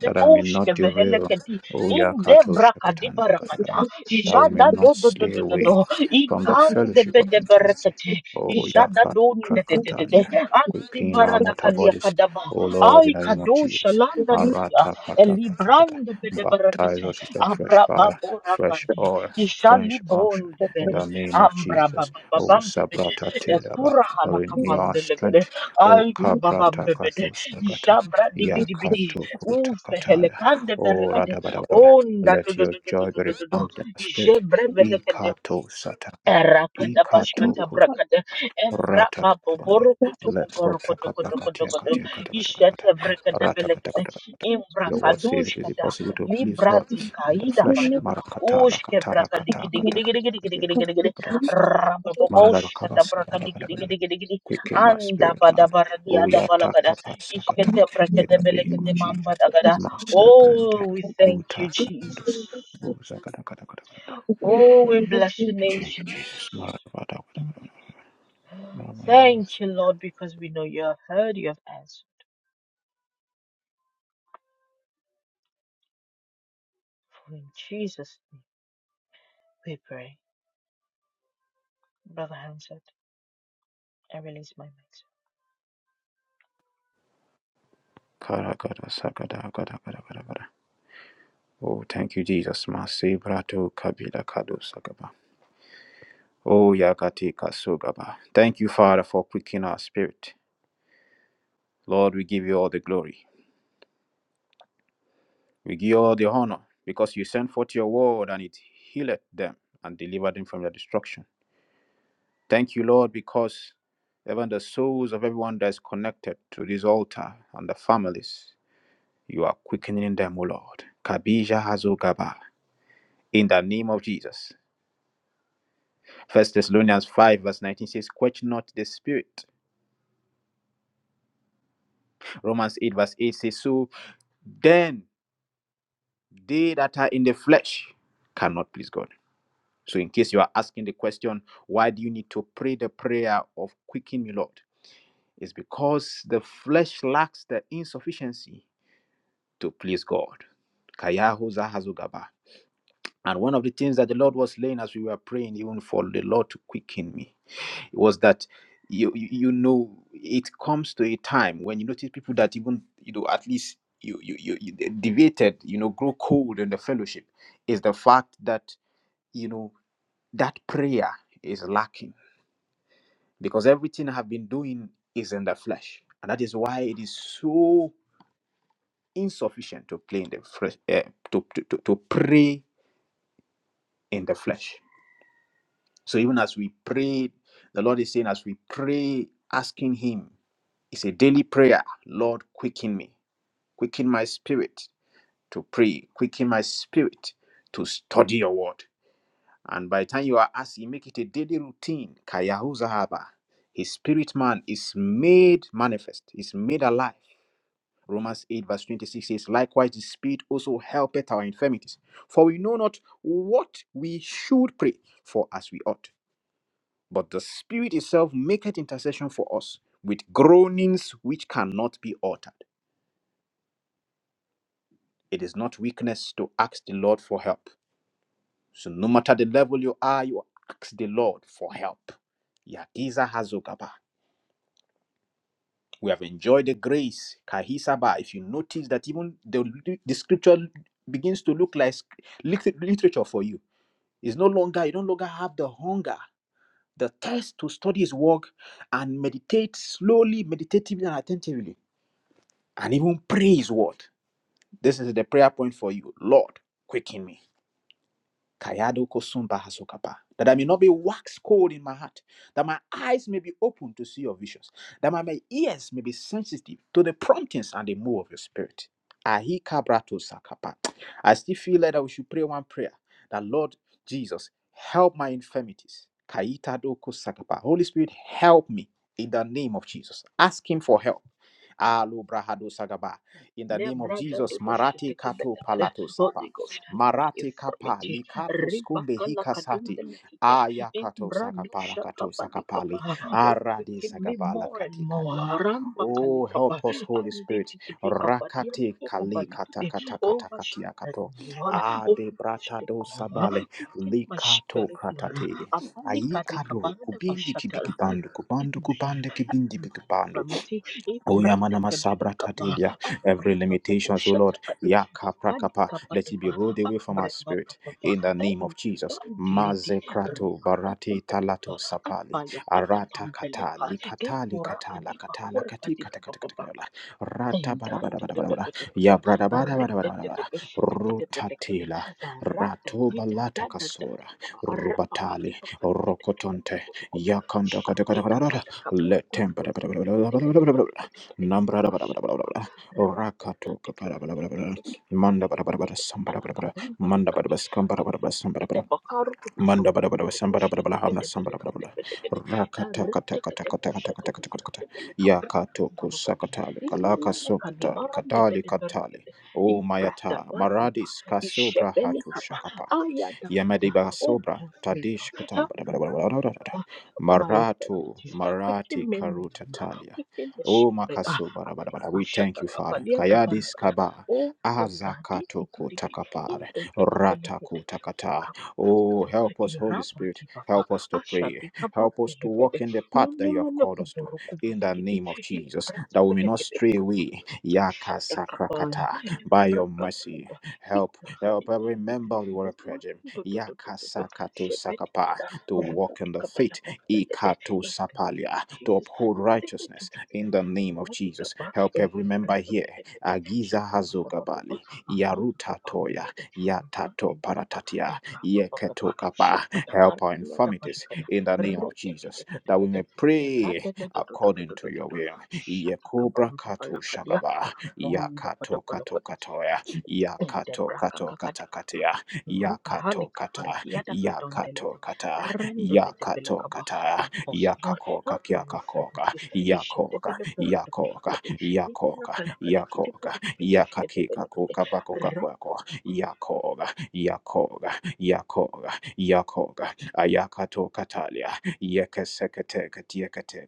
that I may not derail. vehelekedi, Oh, inde Yakato brakadi Shakatanda Gadagada, barakata, that we may jada do not do do slay do do away do, from the ikande fellowship of bede intimacy. berekete, Oh, jada Yakat do de de de de de, Krakatanda, anti quicken our barada mortal kalia bodies. kadaba, Oh, Lord, in ay the name of kado Jesus. shalanda landa Arata Kata Kata Kata, Elibrande bede baptize berekete. us with your fresh Abra fire, babora fresh kandi. oil, Ishali fresh unction, bonde in bede. the name of Ambra Jesus. Oh, bababambe bede. Sabrata Tilaba, Efura halaka renew our bande legede. strength. O Ay kaprata kubabambe bede. kato sakata Ishabra di ya bidi bidi. kato kuta Ufe katala. helekande O berekete. radabadabada. Onda do Let do your do do do joy do be do do. do. refound in the spirit. E Jebre kato satanda. E Rakada kato bashkata kus. brakada embra Rata babo katonde. boru kutu Let boru kota kutu kutu kutu kaprakatia kutu katia kata kata kata ishete kata. brakada Rata kata belekede kata kata kata. imbra Your word says kadush it is kata impossible to please libra God di in the kaida flesh. bado Marakatala ushke katara brakadi kata gidi kata gidi gidi gidi gidi kata gidi kata gidi gidi kata. rababo ush kata brakadi gidi Mararakabasabarabarabarabara. gidi gidi gidi Quicken my anda spirit, bada man. baradi Oh, ada balakada yatakapasakata. ishkete In brakada the name belekede of bamba Jesus. dagada Master Brande. oh we thank you Jesus Utakandos. Uzakadakadakadakadakada. oh we bless you. your Thank name you, Jesus. Jesus Mararabadakadakadakada. Thank Ramanamanasa. you, Lord, because we know you have heard, you have answered. For in Jesus' name we pray. Brother Hansard, I release my mic. Karakadasakadakadakadakada. Oh, thank you, Jesus. Masi brato kabila kado sagaba. Oh, yakati kasugaba. Thank you, Father, for quickening our spirit. Lord, we give you all the glory. We give you all the honor because you sent forth your word and it healed them and delivered them from their destruction. Thank you, Lord, because even the souls of everyone that is connected to this altar and the families, you are quickening them, O Lord. Kabija Hazogaba, in the name of Jesus. First Thessalonians 5, verse 19 says, Quench not the spirit. Romans 8, verse 8 says, So then they that are in the flesh cannot please God. So, in case you are asking the question, why do you need to pray the prayer of quicken me, Lord? It's because the flesh lacks the insufficiency to please God. Kayahu Zahazugaba. And one of the things that the Lord was laying as we were praying, even for the Lord to quicken me, it was that you you you know it comes to a time when you notice people that even you know at least you you you, you they deviated, you know, grow cold in the fellowship, is the fact that you know that prayer is lacking because everything I have been doing is in the flesh, and that is why it is so insufficient to play in the flesh, eh, to, to, to, to pray in the flesh. So even as we pray, the Lord is saying, as we pray, asking Him, it's a daily prayer. Lord, quicken me, quicken my spirit to pray, quicken my spirit to study Your Word. And by the time you are asking, make it a daily routine. Kayahu Zahaba. His spirit man is made manifest, is made alive Romans 8, verse 26 says, Likewise, the Spirit also helpeth our infirmities. For we know not what we should pray for as we ought. But the Spirit itself maketh intercession for us with groanings which cannot be uttered. It is not weakness to ask the Lord for help. So no matter the level you are, you ask the Lord for help. Yakiza Hazogaba. We have enjoyed the grace. Kahisaba. If you notice that even the, the scripture begins to look like lit- literature for you It's no longer, you no longer have the hunger, the thirst to study his work and meditate slowly, meditatively, and attentively, and even pray his word. This is the prayer point for you. Lord, quicken me. Kayado Kosumba Hasokapa. That I may not be wax cold in my heart, that my eyes may be open to see your visions, that my, my ears may be sensitive to the promptings and the move of your spirit. Ahi kabrato sakapa. I still feel like that we should pray one prayer that Lord Jesus, help my infirmities. Kaita doko sakapa. Holy Spirit, help me in the name of Jesus. Ask Him for help Alu brahadu sagaba. In the name of Jesus, Marati Kato Lebradadodoshetekebelekere. Palato Sapa. Holy Ghost, help my Marati Kapa infirmity. Likato Skumbe Hikasati. Ribakalakadumbenekite. Aya Kato Sakapala Kato Sakapali. Imbradushakapalikaba. Oh, Aradi quicken me Sagabala more and Katika more. Diana. Oh, help Rambakalikaba. us, Holy Spirit. Rakati Kali Kata Anditikitikabadiadibokobalikide. Kata Oh, Kata my Katia spirit, Kato. my Lord. Ah, Oh, de please Brata do take over. Sabale. Quicken my Likato spirit, Lord. Pratate. Ayikado Kubindi Abalikalikabadabashatara. Kibikibandu kubando Amen. Kubande Kibindi Bikibandu. Infirmity, it Oyamanama sabra bretakabilikaba, tatelia. Every abriba limitations, O Lord, babushataka, yaka prakapa, let it be ifalikabadaba, rolled away from our abreba spirit bababa, in the name of Jesus. elubandilidi, mazekrato barati rabababababa, talato sapali arata kata abayakadabambeleka, likata ekura katala katala adiba, kata la kura kati kata kata kata kata Dada rata bada bada bada dada bada dada bada dada ya brada dada, bada bada rite bada bada rite rite bada rite rite rite, rotatila raa raa raa rato balata raa raa raa, kasora raa raa raa raa raa rubatali raa, rite rite rite rokotonte ya kanda kata rite kata rite rite, kata raa raa raa kata let raa them Nambra bada bada bada bada. raa raa, rite rite rite rite rite rite, raa Rakato kapara bada bada bada. Manda bada bada bada. Sambara bada bada. Manda bada bada. Skambara bada bada. Sambara bada. Manda bada bada samba bada bada bada hamna samba bada bada rakata kata kata kata kata kata kata kata kata raa raa ya kato raa raa raa. kusakatali kalaka Ilelele sokatali kanibarande katali bede katali berekede. o Ibrada mayata baduba. maradis kasubra Ishebele hatu kaba. shakapa Ayada bada. Yamadiba Oh, Sobra, help me, Lord. Tadish Katam, Help bada me, bada bada bada bada bada. Father. Help my Maratu, infirmities. Quicken Marati me, Karuta Mama. Talia. Quicken the Oh spirit. Ah, Makasu, ah, bada bada bada. we thank Mashata you, kaba. Father. Liada Kayadis barakada. Kaba, Oh, dobradi. Azakato In Kutakapare, the Rataku Takata, Oh, Kakurukutu, help us, Holy Spirit. irabati baba, Help us to pray. ashadi kabab Help us to belebede, walk in the path that you have ninemene called us to. kuburu In the kubalikidi, name of Jesus, ilabrat that we may not belekede, stray away. Yaka shada kabaya, sakrakata. By your mercy, brakabukuba, help. kikurahadi Help every balikidi, member of the Warrior Prayer ma Gym. do do do do Yaka do do, sakato shebedi sakapa. bada, To walk rubati in the faith. kabalaba belede, Ikato in the name of sapalia. To Jesus, uphold andele do righteousness. do do do, In the name of kurati Jesus, kaba, help every member elebrebe here. belebede, Agiza shabababababa, hazogabali. arata Yaruta kabam toya. belede, Yatato paratatia. Help us, Yeketokapa. Help our infirmities in the name of Jesus, that we may pray according to your will. Yekobra kato shagaba. Yakato kato katoya. Yakato kato katakatia. Yakato kata. Yakato kata. Yakato kata. Lord. Yakakoka Help my kiakakoka. infirmities. Yakoka. Yakoka. Yakoka. Yakoka. Yakakika koka bakoka kwako, Yakoga, Yakoga, Yakoga, Yakoga, Ayakato Katalia, Yekasekate, Katiakate,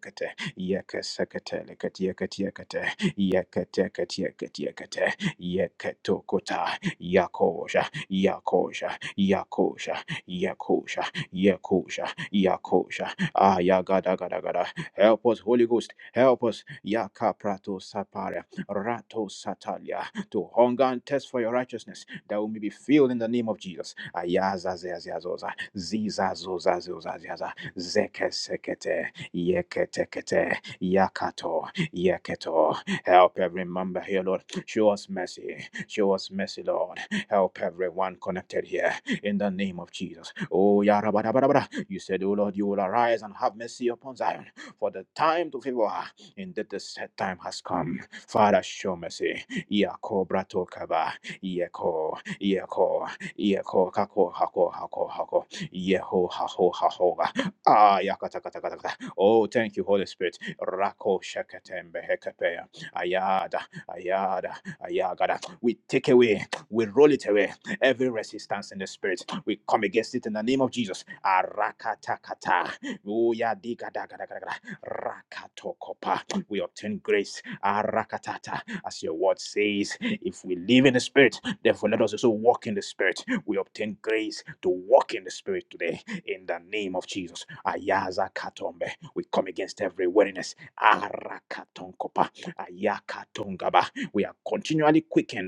Yekasekate, Katiakate, Yekate, Katiakate, Yekatokota, Yakosha, Yakosha, Yakosha, Yakosha, Yakosha, Yakosha, Ayagada, Gada, Gada, help us, Holy Ghost, help us, Yakaprato sapare. Rato Satalia, to hunger and test for your righteousness, that we may be filled in the name of Jesus. Ayaza zeaziazoza, zizazozazozaziaza, zekesekete, yeketekete, yakato, yeketo. Help every member here, Lord. Show us mercy. Show us mercy, Lord. Help everyone connected here in the name of Jesus. Oh, yarabarabarabara. You said, Oh Lord, you will arise and have mercy upon Zion, for the time to favor her. Indeed, the set time has come. Father, show mercy. Yako brato kaba. Yeko, yeko, yeko, kako, hako, hako, hako. Yeho, haho, haho. Ah, yakata, kata, kata, kata. Oh, thank you, Holy Spirit. Rako shakatembe hekapea. Ayada, ayada, ayagada. We take away, we roll it away. Every resistance in the spirit, we come against it in the name of Jesus. Arakatakata. Oh, yeah, Rakatokopa. We obtain grace. Arakatata. As your word says, if we live in the spirit, therefore let us also walk in the spirit. We obtain grace to walk in the spirit today. In the name of Jesus. Ayaza katombe. We come against every weariness. Arakatonkopa. Ayakatongaba. We are continually quickened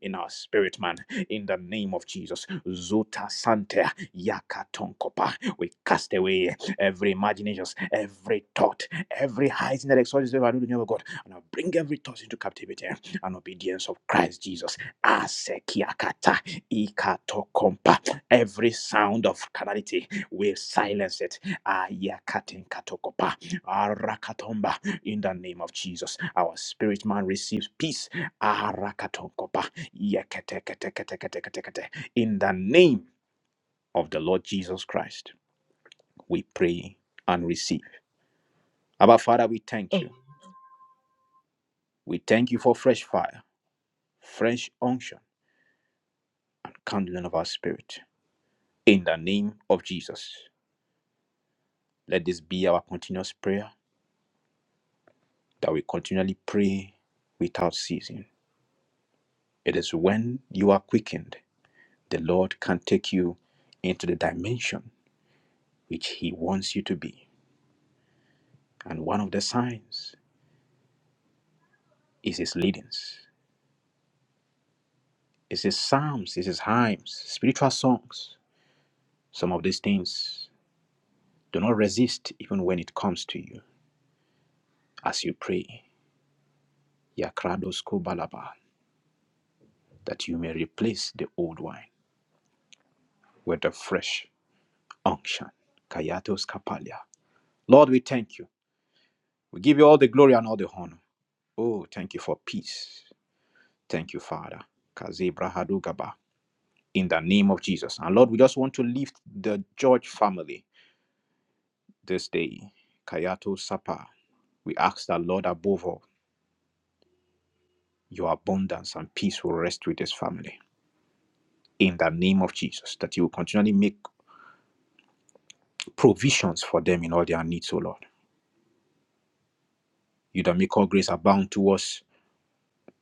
in our spirit, man. In the name of Jesus. Zuta Sante Yakatonkopa. We cast away every imagination, every thought, every high thing that exalts itself above the name of God, and I bring every thought into captivity and obedience of Christ Jesus. Asekiakata, ikatokompa. Every sound of carnality will silence it. Ayakatenkatokopa, arakatomba. In the name of Jesus, our spirit man receives peace. Arakatonkopa, yeketeketeketeketekete. In the name of the Lord Jesus Christ, we pray and receive. Abba Father, we thank you. Amen. We thank you for fresh fire, fresh unction, and kindling of our spirit. In the name of Jesus, let this be our continuous prayer that we continually pray without ceasing. It is when you are quickened, the Lord can take you into the dimension which He wants you to be. And one of the signs is His leadings, is His psalms, is His hymns, spiritual songs. Some of these things do not resist even when it comes to you as you pray, Yakrados Kobalaba, that you may replace the old wine with a fresh unction. Kayatos Kapalia. Lord, we thank you. We give you all the glory and all the honor. Oh, thank you for peace. Thank you, Father. Kazebra Hadugaba. In the name of Jesus. And Lord, we just want to lift the George family this day. Kayato Sapa. We ask that, Lord, above all, your abundance and peace will rest with this family in the name of Jesus, that you will continually make provisions for them in all their needs, O Lord. You that make all grace abound to us,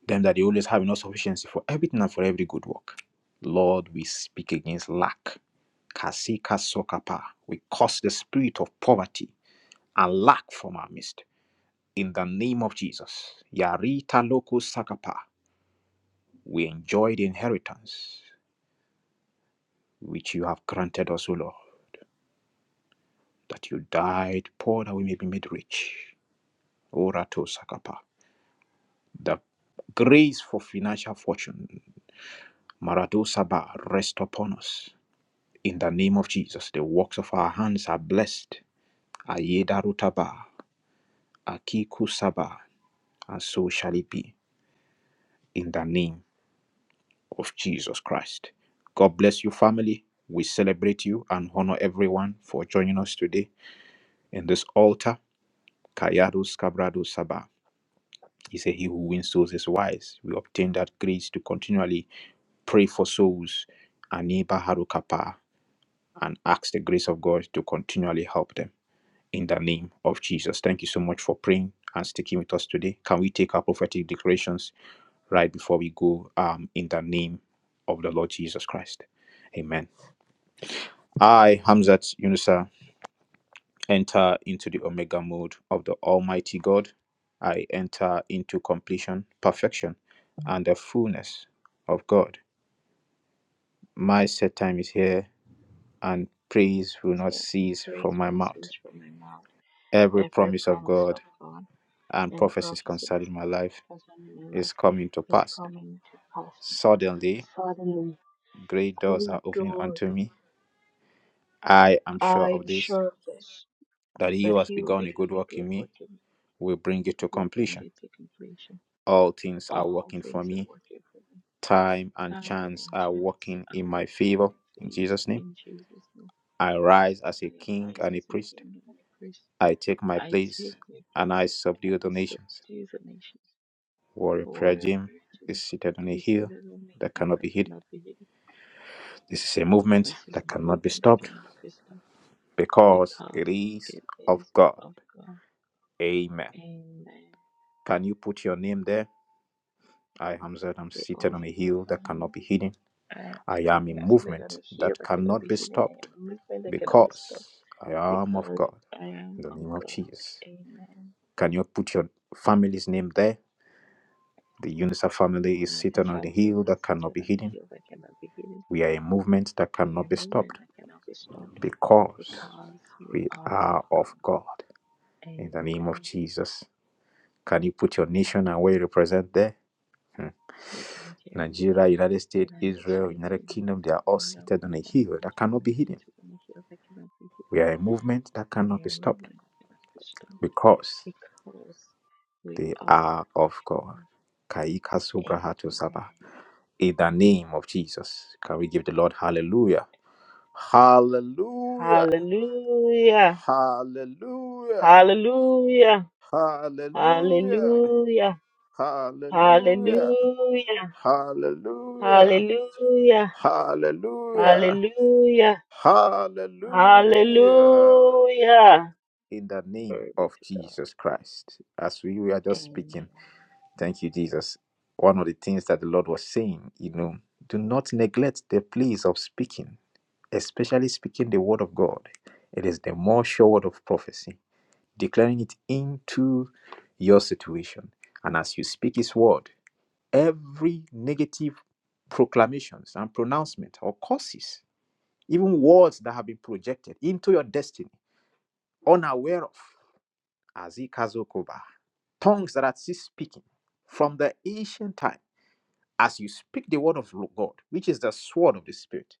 them that they always have enough sufficiency for everything and for every good work. Lord, we speak against lack. Kasika sokapa. We cause the spirit of poverty and lack from our midst. In the name of Jesus, Yarita Loko Sakapa, we enjoy the inheritance which you have granted us, O Lord, that you died poor that we may be made rich. Orato Sakapa. The grace for financial fortune, Marado Sabah, rest upon us. In the name of Jesus, the works of our hands are blessed. Ayeda Rutaba, Akiku Sabah, and so shall it be. In the name of Jesus Christ. God bless you, family. We celebrate you and honor everyone for joining us today in this altar. Kayados Cabrado Sabah. He said, He who wins souls is wise. We obtain that grace to continually pray for souls. Aniba Harukapa and ask the grace of God to continually help them in the name of Jesus. Thank you so much for praying and sticking with us today. Can we take our prophetic declarations right before we go um, in the name of the Lord Jesus Christ? Amen. I, Hamzat Yunusa, enter into the Omega mode of the Almighty God. I enter into completion, perfection, and the fullness of God. My set time is here, and praise will not cease from Praise my will not mouth. cease from my mouth. Every Every promise of promise God of God and and prophecies prophecies concerning my life concerning my life is coming to is pass. coming to pass. Suddenly, Suddenly, great doors great are opening door. unto me. I am sure I of am this, sure of this, that he that who has he who begun a began good a work in good me work in me will bring it to will bring completion. it to completion. All things are All working for things are me. working for me. Time and Time chance and are chance working are in my working in favor. my In favor. Jesus' name, In Jesus' name, I rise as I a king arise and a as a priest. king and a priest. I take my I take place my and I place and subdue the I nations. subdue the nations. Warrior for Prayer Gym is operating. seated on a He said, hill I don't make that him, cannot I be hidden. cannot be healed. This is a movement This is that the cannot be movement that stopped cannot be stopped because because it is it of is God. of God. Amen. Amen. Can you put your name there? I, Hamzat, am The seated on a only God hill that cannot family. be hidden. I I actually am a think I said that I'm movement healed, that I cannot cannot be be healed. I stopped am a movement that cannot be stopped because I am of because God. I am In the of name of God. Jesus. Amen. Can you put your family's name there? The UNICEF The family is only seated God on a family hill is that the cannot be children and hidden. healed, I cannot be healed. We are a movement that We cannot are a be movement stopped that cannot be stopped because because we we are of are of God. God. In the name of Amen. Jesus. Can you put your nation and where you represent there? Hmm. Nigeria, Nigeria, United States, United Israel, States, United Kingdom, United they are all Kingdom, seated on a hill Canada, that cannot be China, hidden. cities and citizen that cannot be hidden. We are a movement that We cannot be are stopped movement that cannot be stopped because because we they are of are of God. God. Kaika Subrahato Saba. Amen. In the name of Jesus, can we give the Lord hallelujah? Hallelujah! Hallelujah. Hallelujah! Hallelujah. Hallelujah! Hallelujah. Hallelujah! Hallelujah. Hallelujah! Hallelujah. Hallelujah! Hallelujah. Hallelujah! Hallelujah. in the name Glory be of to Jesus Christ. As we were God. just speaking, thank you, Jesus. One of the things that the Lord was saying, you know, do not neglect the place of speaking, especially speaking the word of God. It is the more sure word of prophecy, declaring it into your situation. And as you speak His word, every negative proclamations and pronouncement or curses, even words that have been projected into your destiny, unaware of. Azikazokoba. Tongues that are still speaking from the ancient time. As you speak the word of God, which is the sword of the Spirit,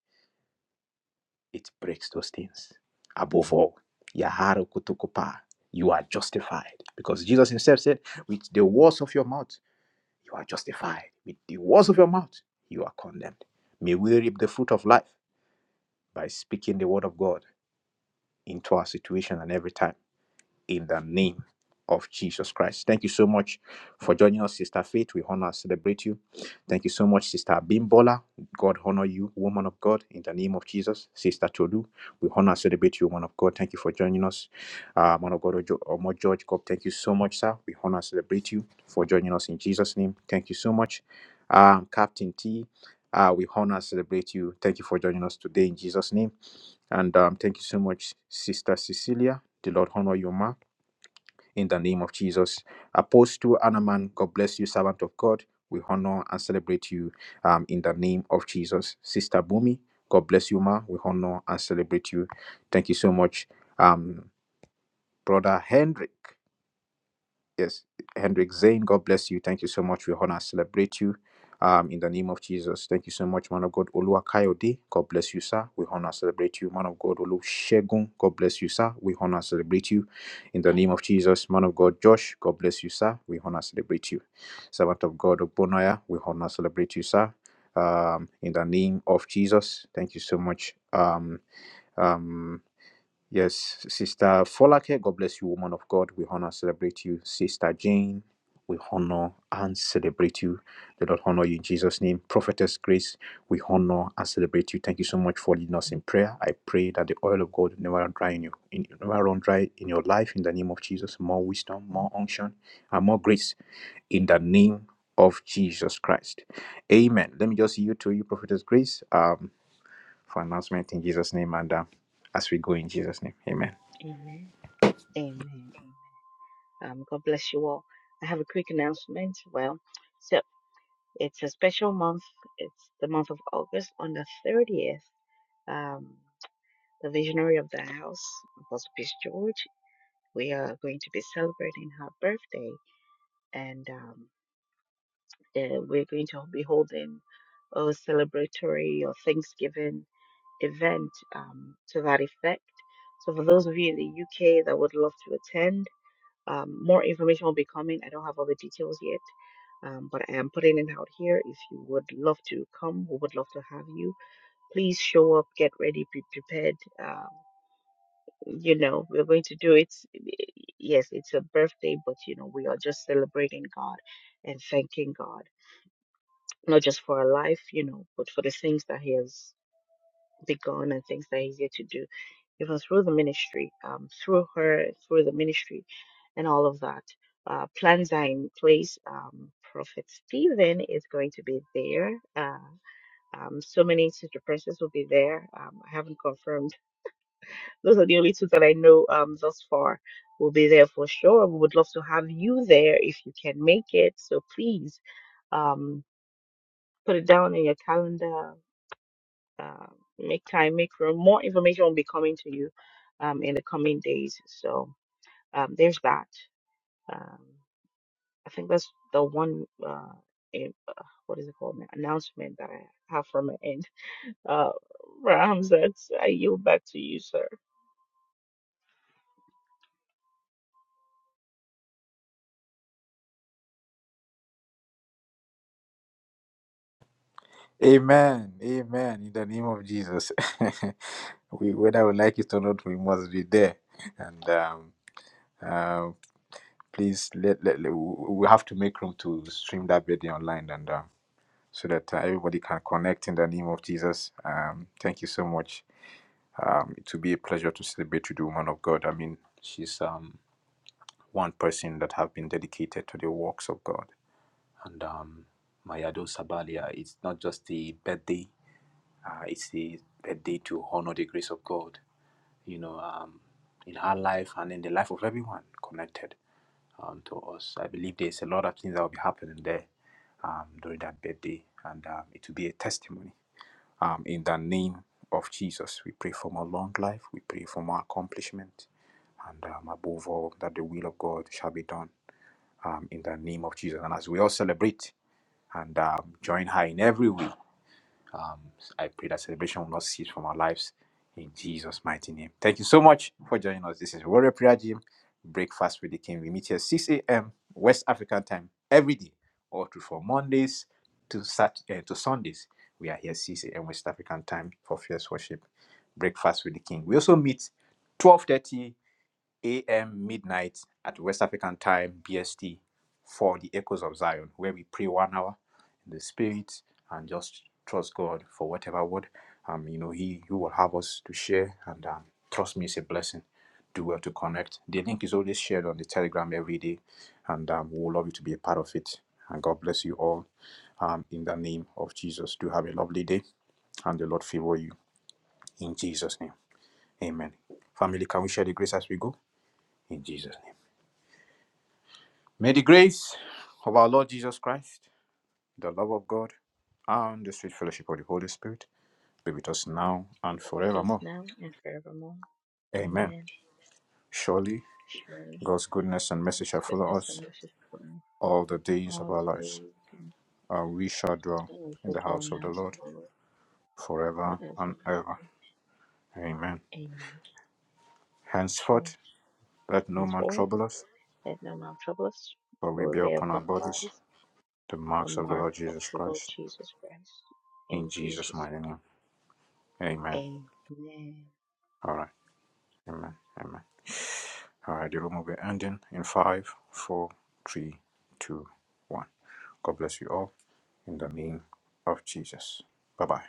it breaks those things. Above all, Yaharu Kutukupa, you are justified. Because Jesus himself said, with the words of your mouth, you are justified. With the words of your mouth, you are condemned. May we reap the fruit of life by speaking the word of God into our situation and every time. in the name of Jesus Christ. Thank you so much for joining us, Sister Faith. We honor and celebrate you. Thank you so much, Sister Bimbola. God honor you, woman of God, in the name of Jesus. Sister Tolu, we honor and celebrate you, woman of God. Thank you for joining us. Uh, man of God, Omo George, God, thank you so much, sir. We honor and celebrate you for joining us in Jesus' name. Thank you so much. Um, Captain T, uh, we honor and celebrate you. Thank you for joining us today in Jesus' name. And um, thank you so much, Sister Cecilia. The Lord honor you, ma in the name of Jesus. Apostle Anaman, God bless you, servant of God. We honor and celebrate you um, in the name of Jesus. Sister Bumi, God bless you, ma. We honor and celebrate you. Thank you so much. Um, Brother Hendrik. Yes, Hendrik Zane, God bless you. Thank you so much. We honor, and celebrate you um, in the name of Jesus. Thank you so much, man of God. Olua Kayode, God bless you, sir. We honor, and celebrate you. Man of God, Olu Shegun, God bless you, sir. We honor, and celebrate you in the name of Jesus. Man of God, Josh, God bless you, sir. We honor, and celebrate you. Servant of God, Ogbonaya, we honor, and celebrate you, sir. Um, in the name of Jesus. Thank you so much. Um. Um, Yes, Sister Folake, God bless you, woman of God. We honor, celebrate you. Sister Jane, we honor and celebrate you. The Lord honor you in Jesus' name. Prophetess Grace, we honor and celebrate you. Thank you so much for leading us in prayer. I pray that the oil of God never run dry in you, in, never run dry in your life. In the name of Jesus, more wisdom, more unction, and more grace. In the name of Jesus Christ, Amen. Let me just yield to you, Prophetess Grace. Um, for announcement in Jesus' name and uh, as we go in Jesus' name. Amen. Amen. Amen. Amen. Um, God bless you all. I have a quick announcement. Well, so it's a special month. It's the month of August on the 30th. Um, the visionary of the house, Apostle Peace George, we are going to be celebrating her birthday and um, uh, we're going to be holding a celebratory or Thanksgiving event um, to that effect. So, for those of you in the UK that would love to attend, Um, more information will be coming. I don't have all the details yet, um, but I am putting it out here. If you would love to come, we would love to have you. Please show up, get ready, be prepared. Um, you know, we're going to do it. Yes, it's a birthday, but you know, we are just celebrating God and thanking God, not just for our life, you know, but for the things that He has begun and things that He's yet to do it was through the ministry, um, through her, through the ministry, and all of that. Uh, plans are in place. Um, Prophet Stephen is going to be there. Uh, um, so many sister princes will be there. Um, I haven't confirmed. Those are the only two that I know um, thus far will be there for sure. We would love to have you there if you can make it. So please um, put it down in your calendar. Uh, make time, make room. More information will be coming to you um, in the coming days. So Um, there's that. Um, I think that's the one. Uh, in, uh, what is it called? now? Announcement that I have from my end. Uh, Rams, that's I yield back to you, sir. Amen. Amen. In the name of Jesus. we, whether we like it or not, we must be there. And um, um please, let, let, let- we have to make room to stream that video online and um, so that uh, everybody can connect in the name of Jesus. Um, thank you so much. Um, it will be a pleasure to celebrate with the woman of God. I mean, she's um, one person that have been dedicated to the works of God. and um, Mayado Sabalia. It's not just the birthday; uh, it's the birthday to honor the grace of God. You know, um, in her life and in the life of everyone connected um, to us. I believe there's a lot of things that will be happening there um, during that birthday, and um, it will be a testimony. Um, in the name of Jesus, we pray for more long life. We pray for more accomplishment, and um, above all, that the will of God shall be done um, in the name of Jesus. And as we all celebrate and um, join her in every way, um, I pray that celebration will not cease from our lives in Jesus' mighty name. Thank you so much for joining us. This is Warrior Prayer Gym, Breakfast with the King. We meet here 6 a.m. West African time every day, all through from Mondays to, Sat- uh, to Sundays. We are here 6 a.m. West African time for fierce worship, Breakfast with the King. We also meet 12:30 a.m. midnight at West African time BST for the Echoes of Zion, where we pray one hour in the spirit and just trust God for whatever word um you know He He will have us to share. And um, trust me, it's a blessing. Do well to connect. The link is always shared on the Telegram every day, and um, we would love you to be a part of it. And God bless you all. Um, in the name of Jesus, do have a lovely day, and the Lord favor you in Jesus' name. Amen. Family, can we share the grace as we go? In Jesus' name. May the grace of our Lord Jesus Christ, the love of God, and the sweet fellowship of the Holy Spirit be with us now and Because it is forevermore. now and forevermore. Amen. Amen. Surely Surely God's goodness and mercy His shall follow goodness us and mercy for me all the days of all our the lives, days, and and we shall dwell we in shall the dwell house in the of the house Lord of the Lord forever forever and and ever. ever. Amen. Amen. Sure. Henceforth, let no man Henceforth, trouble us, let no man trouble us, for we for we bear bear upon our upon our bodies bodies the the marks of the mark Lord of Jesus the Lord Christ. Jesus Christ. In In Jesus' Jesus' mighty name. Amen. name. Amen. All right. Amen. Amen. All right, the room will be ending in five, four, three, two, one. God bless you all in the name of Jesus. Bye bye.